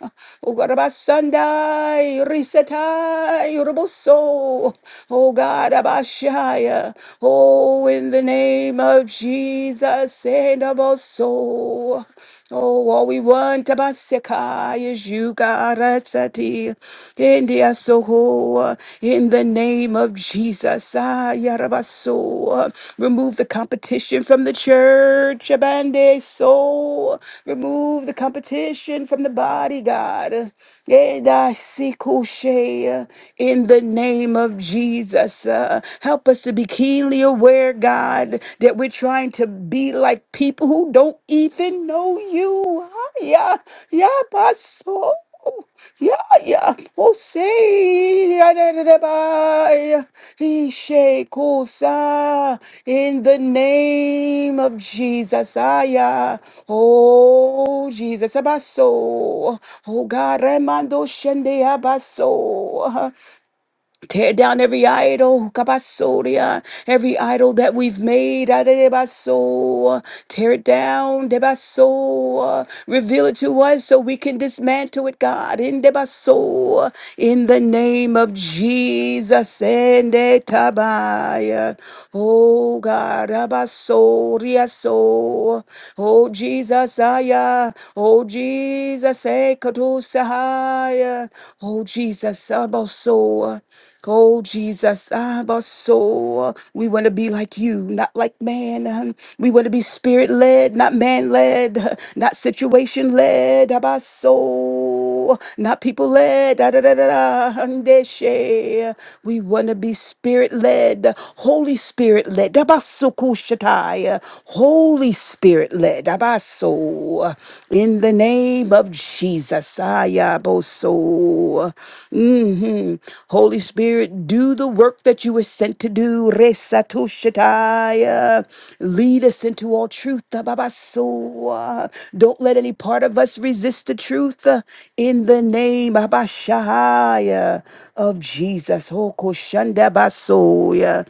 S4: Ugarabasandai, Risetai, Uroboso, O God, Abashaya, oh, in the name of Jesus, Edoboso, Oh, all we want Abasekai, is you, God. Asati, India Soho, in the name of Jesus. Ah, Yarabaso. Remove the competition from the church. Abande so. Remove the competition from the body, God. Edasikoshe, In the name of Jesus, uh, help us to be keenly aware, God, that we're trying to be like people who don't even know you. Yeah, yeah, Pastor. Yeah, yeah. Jose, adadadabaya, Ishekusa, in the name of Jesus. Aya. Oh, Jesus. Abaso. Oh, God. Remando Shende Abaso. Tear down every idol, kabasodia, every idol that we've made, adebaso. Tear it down, debaso. Reveal it to us so we can dismantle it, God, in debaso. In the name of Jesus, and etabaya. Oh God, abasoria so. Oh Jesus, aya. Oh Jesus, ekatosahaya. Oh Jesus, abaso. Oh, Jesus, I'm soul. We want to be like you, not like man. Um, We want to be spirit led, not man led, not situation led. I'm soul, not people led. Da, da, da, da, da. Andeshe. We want to be spirit led, Holy Spirit led. Dabasukushatai. Holy Spirit led. Abaso. In the name of Jesus, Ayaboso. hmm Holy Spirit, do the work that you were sent to do. Resatoshataya. Lead us into all truth. Ababaso. Don't let any part of us resist the truth. uh, In the name Abashahaya, of Jesus. Hokoshandabasoya.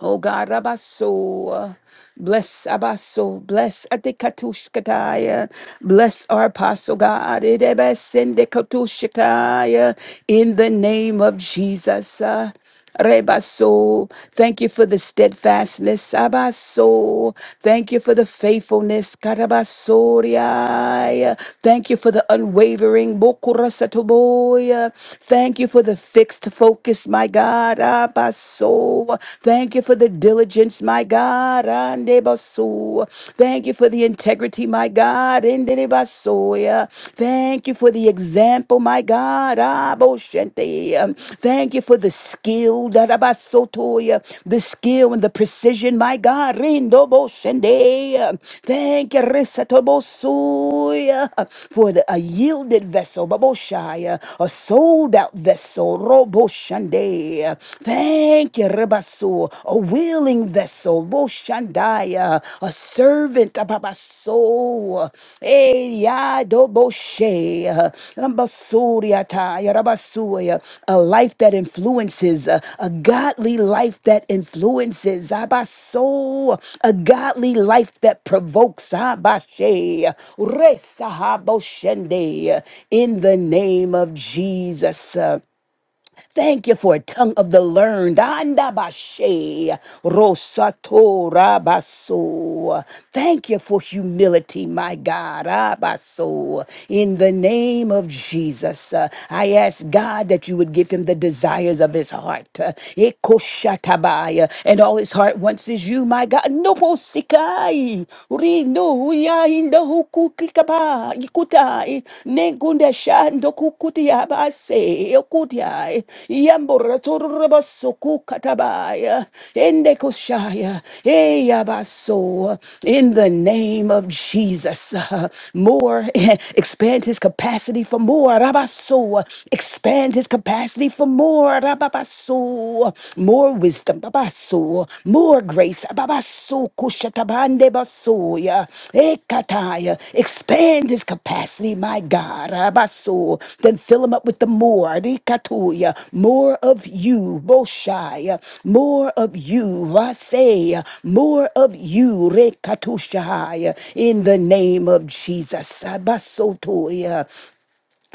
S4: Oh God, Rabaso, bless Abaso, bless Adikatushkataya, bless our apostle God, Idebesendekatushkataya, in the name of Jesus. uh, Rebaso, thank you for the steadfastness, Abaso, thank you for the faithfulness, Karabasoria, thank you for the unwavering, Bokurasatoboya, thank you for the fixed focus, my God, soul. Thank you for the diligence, my God. Andebaso. Thank you for the integrity, my God. Ende basoya. Thank you for the example, my God. Aboshente. Thank you for the skill, Darabasotoya. the skill and the precision, my God. Rindo Rindoboshende. Thank you, Risatobosuya, for the, a yielded vessel, Baboshaya, a sold out vessel, Roboshande. Shande. Thank you, Rebasu, a willing vessel, Boshandaya, a servant, Ababaso, Eyado boshe, Ambasuriataya, Rabasuya, a life that influences, a a godly life that influences, Abaso, a godly life that provokes, Abashe, Resahaboshende, in the name of Jesus. Thank you for a tongue of the learned. Andabashe, rosato rabaso. Thank you for humility, my God. Abaso. In the name of Jesus, uh, I ask God that you would give him the desires of his heart. Uh, Ekoshatabaya. And all his heart wants is you, my God. No posikai. Rino kukikaba ikutai negunde shando kukutia base yokutia yambura turba katabaya ende kushaya eyabaso in the name of Jesus uh, more expand his capacity for more rabaso expand his capacity for more rababaso more wisdom, babaso, more grace, babaso, kushatabande basoya, ekataya, expand his capacity, my God, abaso, then fill him up with the more, rikatuya, more of you, boshaya, more of you, vaseya, more of you, rekatushaya, in the name of Jesus, abasotoya,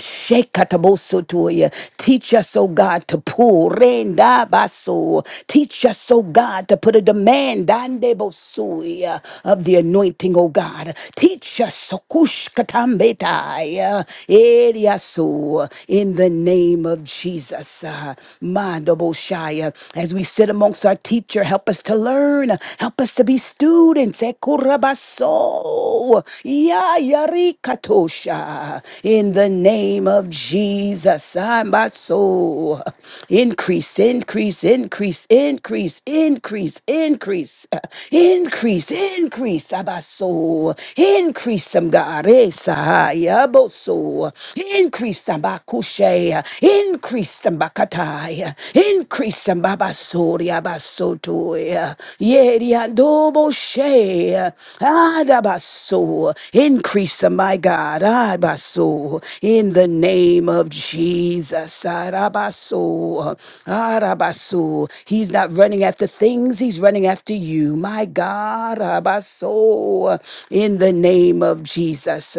S4: Shekatabosotoya. Teach us, oh God, to pull. Rendabaso. Teach us, oh God, to put a demand Dandebosoya, of the anointing, oh God. Teach us Sokushkatambetai, Eriaso, in the name of Jesus. Uh, Mandoboshaya. As we sit amongst our teacher, help us to learn. Help us to be students. Sekurabaso. Ya yarikatosha. In the name of Jesus. Ambaso. Increase, increase, increase, increase, increase, increase, uh, increase, increase. Abaso. Increase some God. Esa. Yaboso. Increase some bakushe. Increase some bakata. Rabasaya. Increase them, Baba Soria Basotoya. Yeriandobo She. Adabaso. Increase them, my God. Adabaso. In the name of Jesus. Adabaso. Adabaso. He's not running after things, he's running after you. My God. Adabaso. In the name of Jesus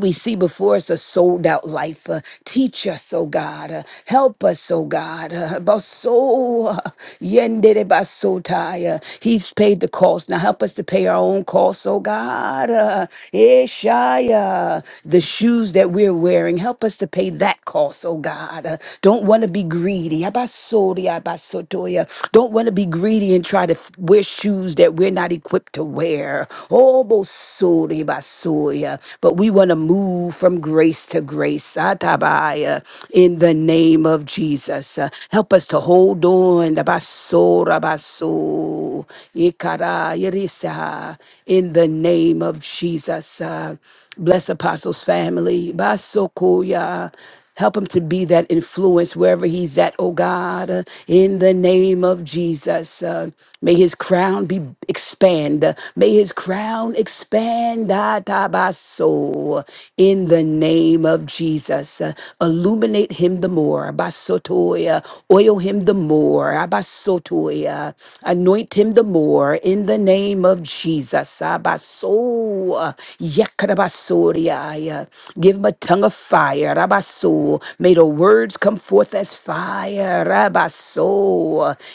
S4: we see before us a sold out life. Uh, teach us, oh God. Uh, help us, oh God. Uh, baso, uh, yendere basotai. Uh, he's paid the cost. Now help us to pay our own costs, oh God. Uh, Ishaya, the shoes that we're wearing, help us to pay that cost, oh God. Uh, don't want to be greedy. Abasori, abasotoya. Don't want to be greedy and try to to f- wear shoes that we're not equipped to wear. Oh, bosori basoya. But we want to move from grace to grace. Atabaya. In the name of Jesus. Uh, help us to hold on. The basora baso. Ikara irisa. In the name of Jesus. Uh, Bless Apostles' family. Basokoya. Help him to be that influence wherever he's at, oh God, uh, in the name of Jesus. Uh, may his crown be expand. Uh, may his crown expand ah, tabaso, in the name of Jesus. Uh, illuminate him the more. abasotoya. Oil him the more. abasotoya. Anoint him the more in the name of Jesus sabaso. Yekarabasoriaya. Give him a tongue of fire. Rabaso. May the words come forth as fire. Rabaso.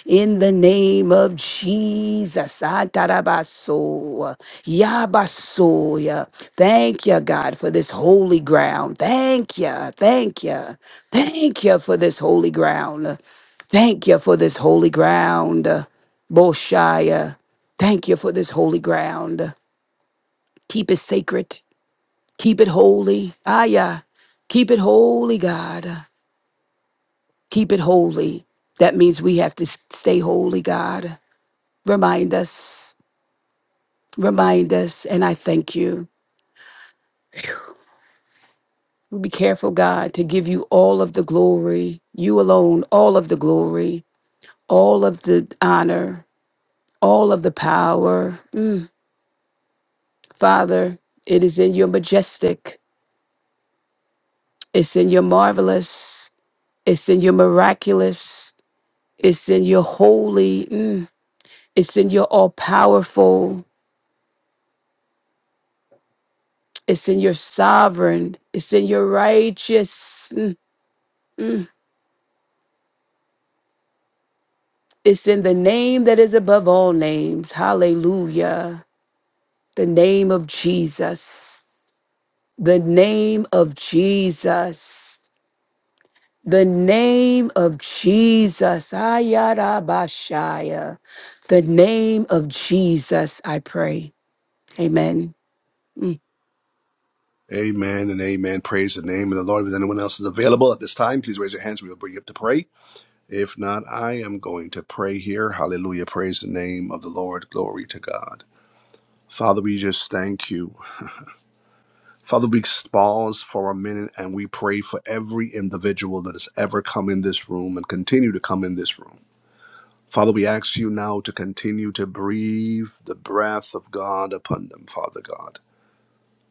S4: In the name of Jesus. Atarabaso. Yabasoya. Thank you, God, for this holy ground. Thank you. Thank you. Thank you for this holy ground. Thank you for this holy ground. Boshaya. Thank you for this holy ground. Keep it sacred. Keep it holy. Ah, yeah. Keep it holy, God. Keep it holy. That means we have to s- stay holy, God. Remind us. Remind us. And I thank you. Be careful, God, to give you all of the glory. You alone, all of the glory, all of the honor, all of the power. Mm, Father, it is in your majestic, it's in your marvelous. It's in your miraculous. It's in your holy. mm. It's in your all powerful. It's in your sovereign. It's in your righteous. mm, mm. It's in the name that is above all names. Hallelujah. The name of Jesus. The name of Jesus. The name of Jesus. Ayarabashaya. The name of Jesus, I pray. Amen.
S1: Amen and amen. Praise the name of the Lord. If anyone else is available at this time, please raise your hands. We will bring you up to pray. If not, I am going to pray here. Hallelujah. Praise the name of the Lord. Glory to God. Father, we just thank you. Father, we pause for a minute and we pray for every individual that has ever come in this room and continue to come in this room. Father, we ask you now to continue to breathe the breath of God upon them, Father God.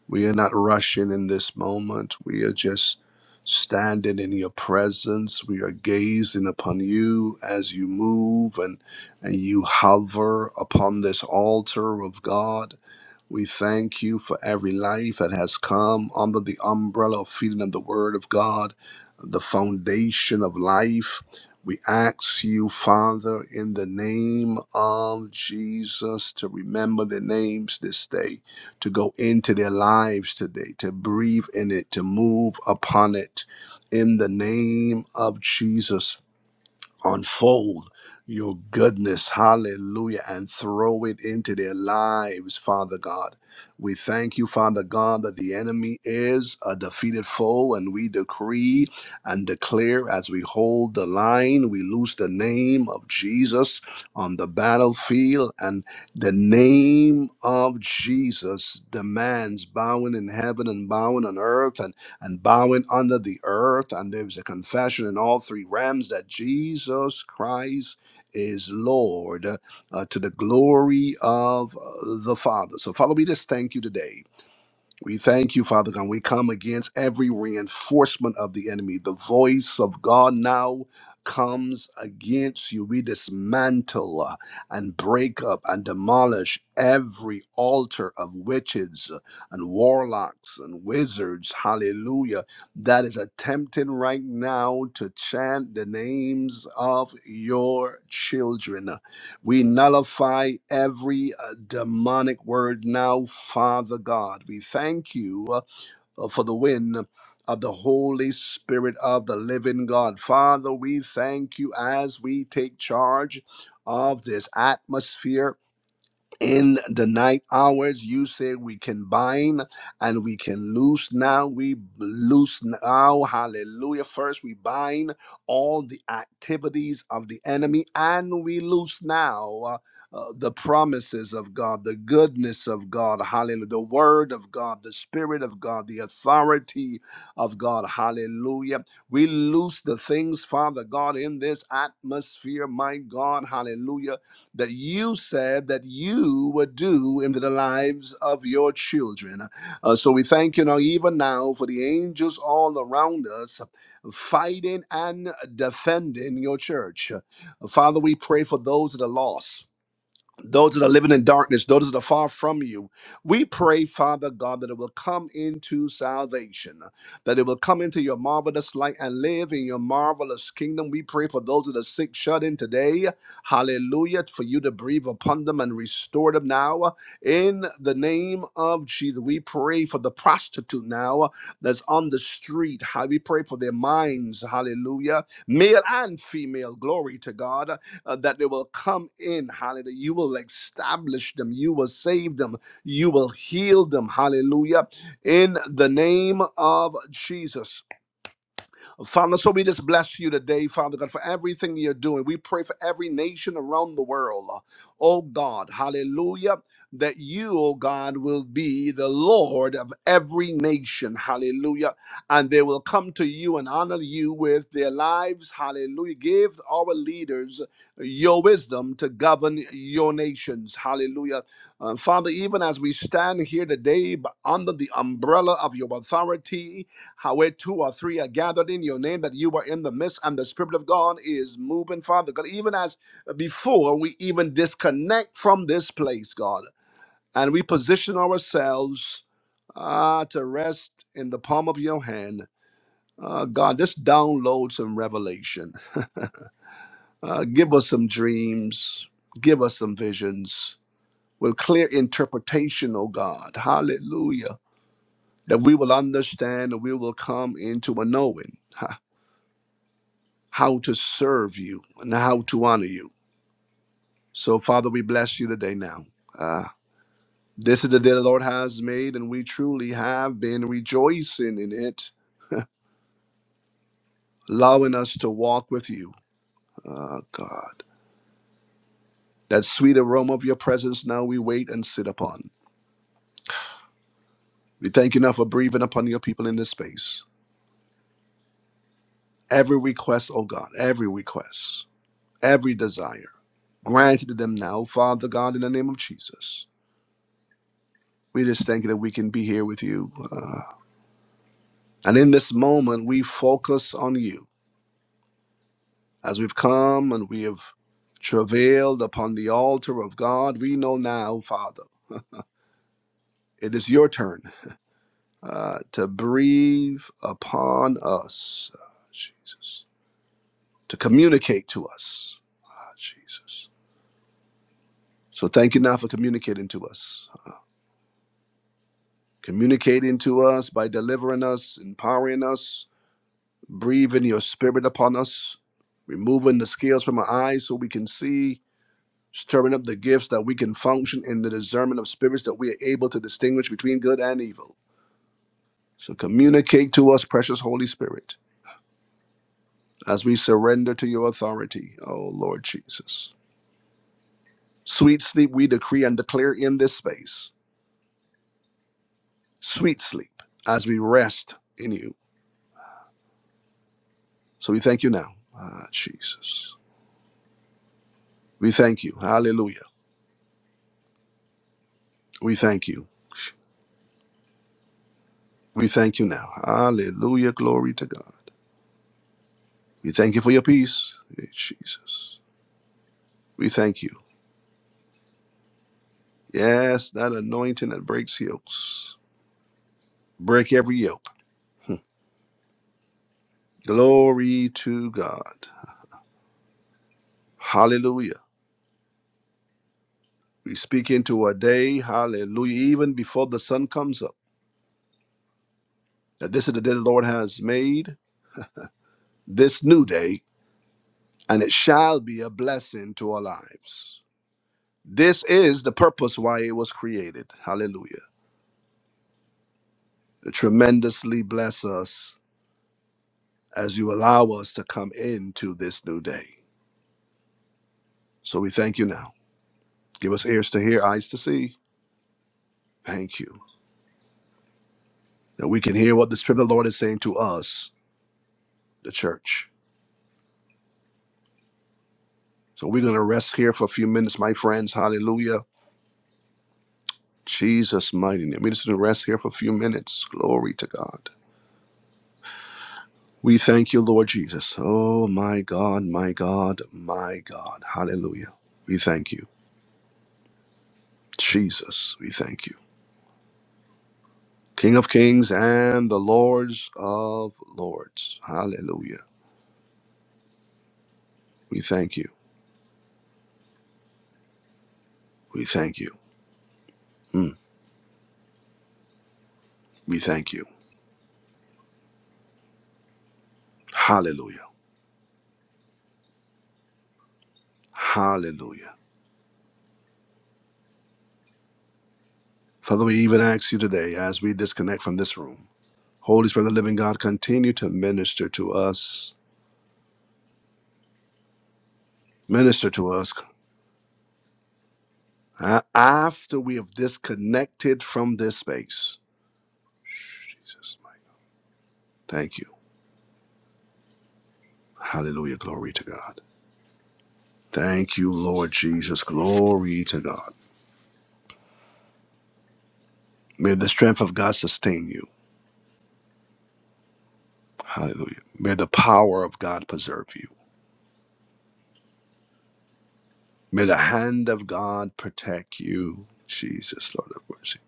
S1: We are not rushing in this moment. We are just standing in your presence. We are gazing upon you as you move and, and you hover upon this altar of God. We thank you for every life that has come under the umbrella of feeding of the Word of God, the foundation of life. We ask you, Father, in the name of Jesus, to remember their names this day, to go into their lives today, to breathe in it, to move upon it. In the name of Jesus, unfold your goodness, hallelujah, and throw it into their lives, Father God. We thank you, Father God, that the enemy is a defeated foe, and we decree and declare as we hold the line, we lose the name of Jesus on the battlefield, and the name of Jesus demands bowing in heaven and bowing on earth, and and bowing under the earth. And there was a confession in all three realms that Jesus Christ is Lord uh, to the glory of uh, the Father. So, Father, we just thank you today we thank you, Father God. We come against every reinforcement of the enemy. The voice of God now comes against you. We dismantle uh, and break up and demolish every altar of witches and warlocks and wizards. Hallelujah. That is attempting right now to chant the names of your children. We nullify every uh, demonic word now, Father God. We thank you uh, for the win of the Holy Spirit of the living God. Father, we thank you as we take charge of this atmosphere in the night hours you say we can bind and we can loose now we loose now hallelujah first we bind all the activities of the enemy and we loose now uh, uh, the promises of God, the goodness of God, hallelujah, the word of God, the spirit of God, the authority of God, hallelujah. We loose the things, Father God, in this atmosphere, my God, hallelujah that you said that you would do in the lives of your children. Uh, so we thank you now, even now, for the angels all around us fighting and defending your church. Uh, Father, we pray for those that are lost those that are living in darkness, those that are far from you. We pray, Father God, that it will come into salvation, that it will come into your marvelous light and live in your marvelous kingdom. We pray for those that are sick, shut in today. Hallelujah. For you to breathe upon them and restore them now. In the name of Jesus, we pray for the prostitute now that's on the street. How We pray for their minds. Hallelujah. Male and female. Glory to God uh, that they will come in. Hallelujah. You will establish them. You will save them. You will heal them. Hallelujah. In the name of Jesus. Father, so we just bless you today, Father God, for everything you're doing. We pray for every nation around the world. uh, Oh God, hallelujah, that you, oh God, will be the Lord of every nation. Hallelujah. And they will come to you and honor you with their lives. Hallelujah. Give our leaders your wisdom to govern your nations. Hallelujah. Uh, Father, even as we stand here today b- under the umbrella of your authority, how where two or three are gathered in your name, that you are in the midst, and the Spirit of God is moving, Father God. Even as before, we even disconnect from this place, God, and we position ourselves ah, to rest in the palm of your hand. Uh, God, just download some revelation. Uh, give us some dreams. Give us some visions with clear interpretation, oh God. Hallelujah. That we will understand and we will come into a knowing. how to serve you and how to honor you. So, Father, we bless you today now. Uh, this is the day the Lord has made, and we truly have been rejoicing in it, allowing us to walk with you, uh, God. That sweet aroma of your presence now we wait and sit upon. We thank you now for breathing upon your people in this space. Every request, oh God, every request, every desire, granted to them now, Father God, in the name of Jesus. We just thank you that we can be here with you. uh, And in this moment, we focus on you. As we've come and we have travailed upon the altar of God, we know now, Father, it is your turn uh, to breathe upon us, Ah, Jesus, to communicate to us, Ah, Jesus. So thank you now for communicating to us, communicating to us by delivering us, empowering us, breathing your spirit upon us, removing the scales from our eyes so we can see stirring up the gifts that we can function in the discernment of spirits that we are able to distinguish between good and evil. So communicate to us, precious Holy Spirit, as we surrender to your authority, oh Lord Jesus. Sweet sleep we decree and declare in this space. Sweet sleep as we rest in you. So we thank you now. Ah, Jesus. We thank you. Hallelujah. We thank you. We thank you now. Hallelujah. Glory to God. We thank you for your peace. Eh, Jesus. We thank you. Yes, that anointing that breaks yokes. Break every yoke. Glory to God. Hallelujah. We speak into a day, hallelujah, even before the sun comes up, that this is the day the Lord has made, this new day, and it shall be a blessing to our lives. This is the purpose why it was created. Hallelujah. To tremendously bless us as you allow us to come into this new day. So we thank you now. Give us ears to hear, eyes to see. Thank you. that we can hear what the Spirit of the Lord is saying to us, the church. So we're going to rest here for a few minutes, my friends. Hallelujah. Jesus' mighty name. We're just going to rest here for a few minutes. Glory to God. We thank you, Lord Jesus. Oh, my God, my God, my God. Hallelujah. We thank you. Jesus, we thank you. King of kings and the Lords of lords. Hallelujah. We thank you. We thank you. Mm, we thank you. Hallelujah. Hallelujah. Father, we even ask you today as we disconnect from this room. Holy Spirit of the living God, continue to minister to us. Minister to us a- after we have disconnected from this space. Jesus, my God. Thank you. Hallelujah. Glory to God. Thank you, Lord Jesus. Glory to God. May the strength of God sustain you. Hallelujah. May the power of God preserve you. May the hand of God protect you. Jesus, Lord of mercy.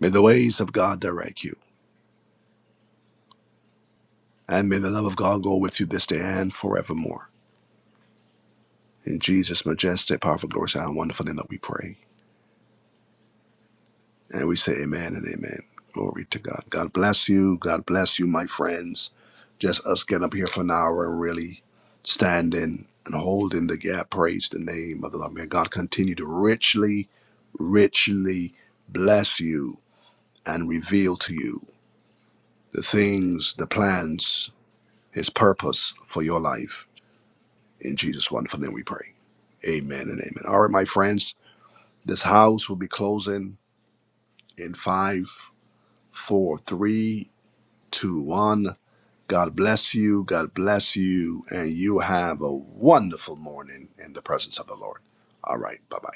S1: May the ways of God direct you. And may the love of God go with you this day and forevermore. In Jesus' majestic, powerful, glorious, and wonderful name that we pray. And we say amen and amen. Glory to God. God bless you. God bless you, my friends. Just us getting up here for an hour and really standing and holding the gap. Praise the name of the Lord. May God continue to richly, richly bless you and reveal to you the things, the plans, his purpose for your life In Jesus' wonderful name we pray. Amen and amen. All right, my friends, this house will be closing in five, four, three, two, one. God bless you. God bless you. And you have a wonderful morning in the presence of the Lord. All right. Bye bye.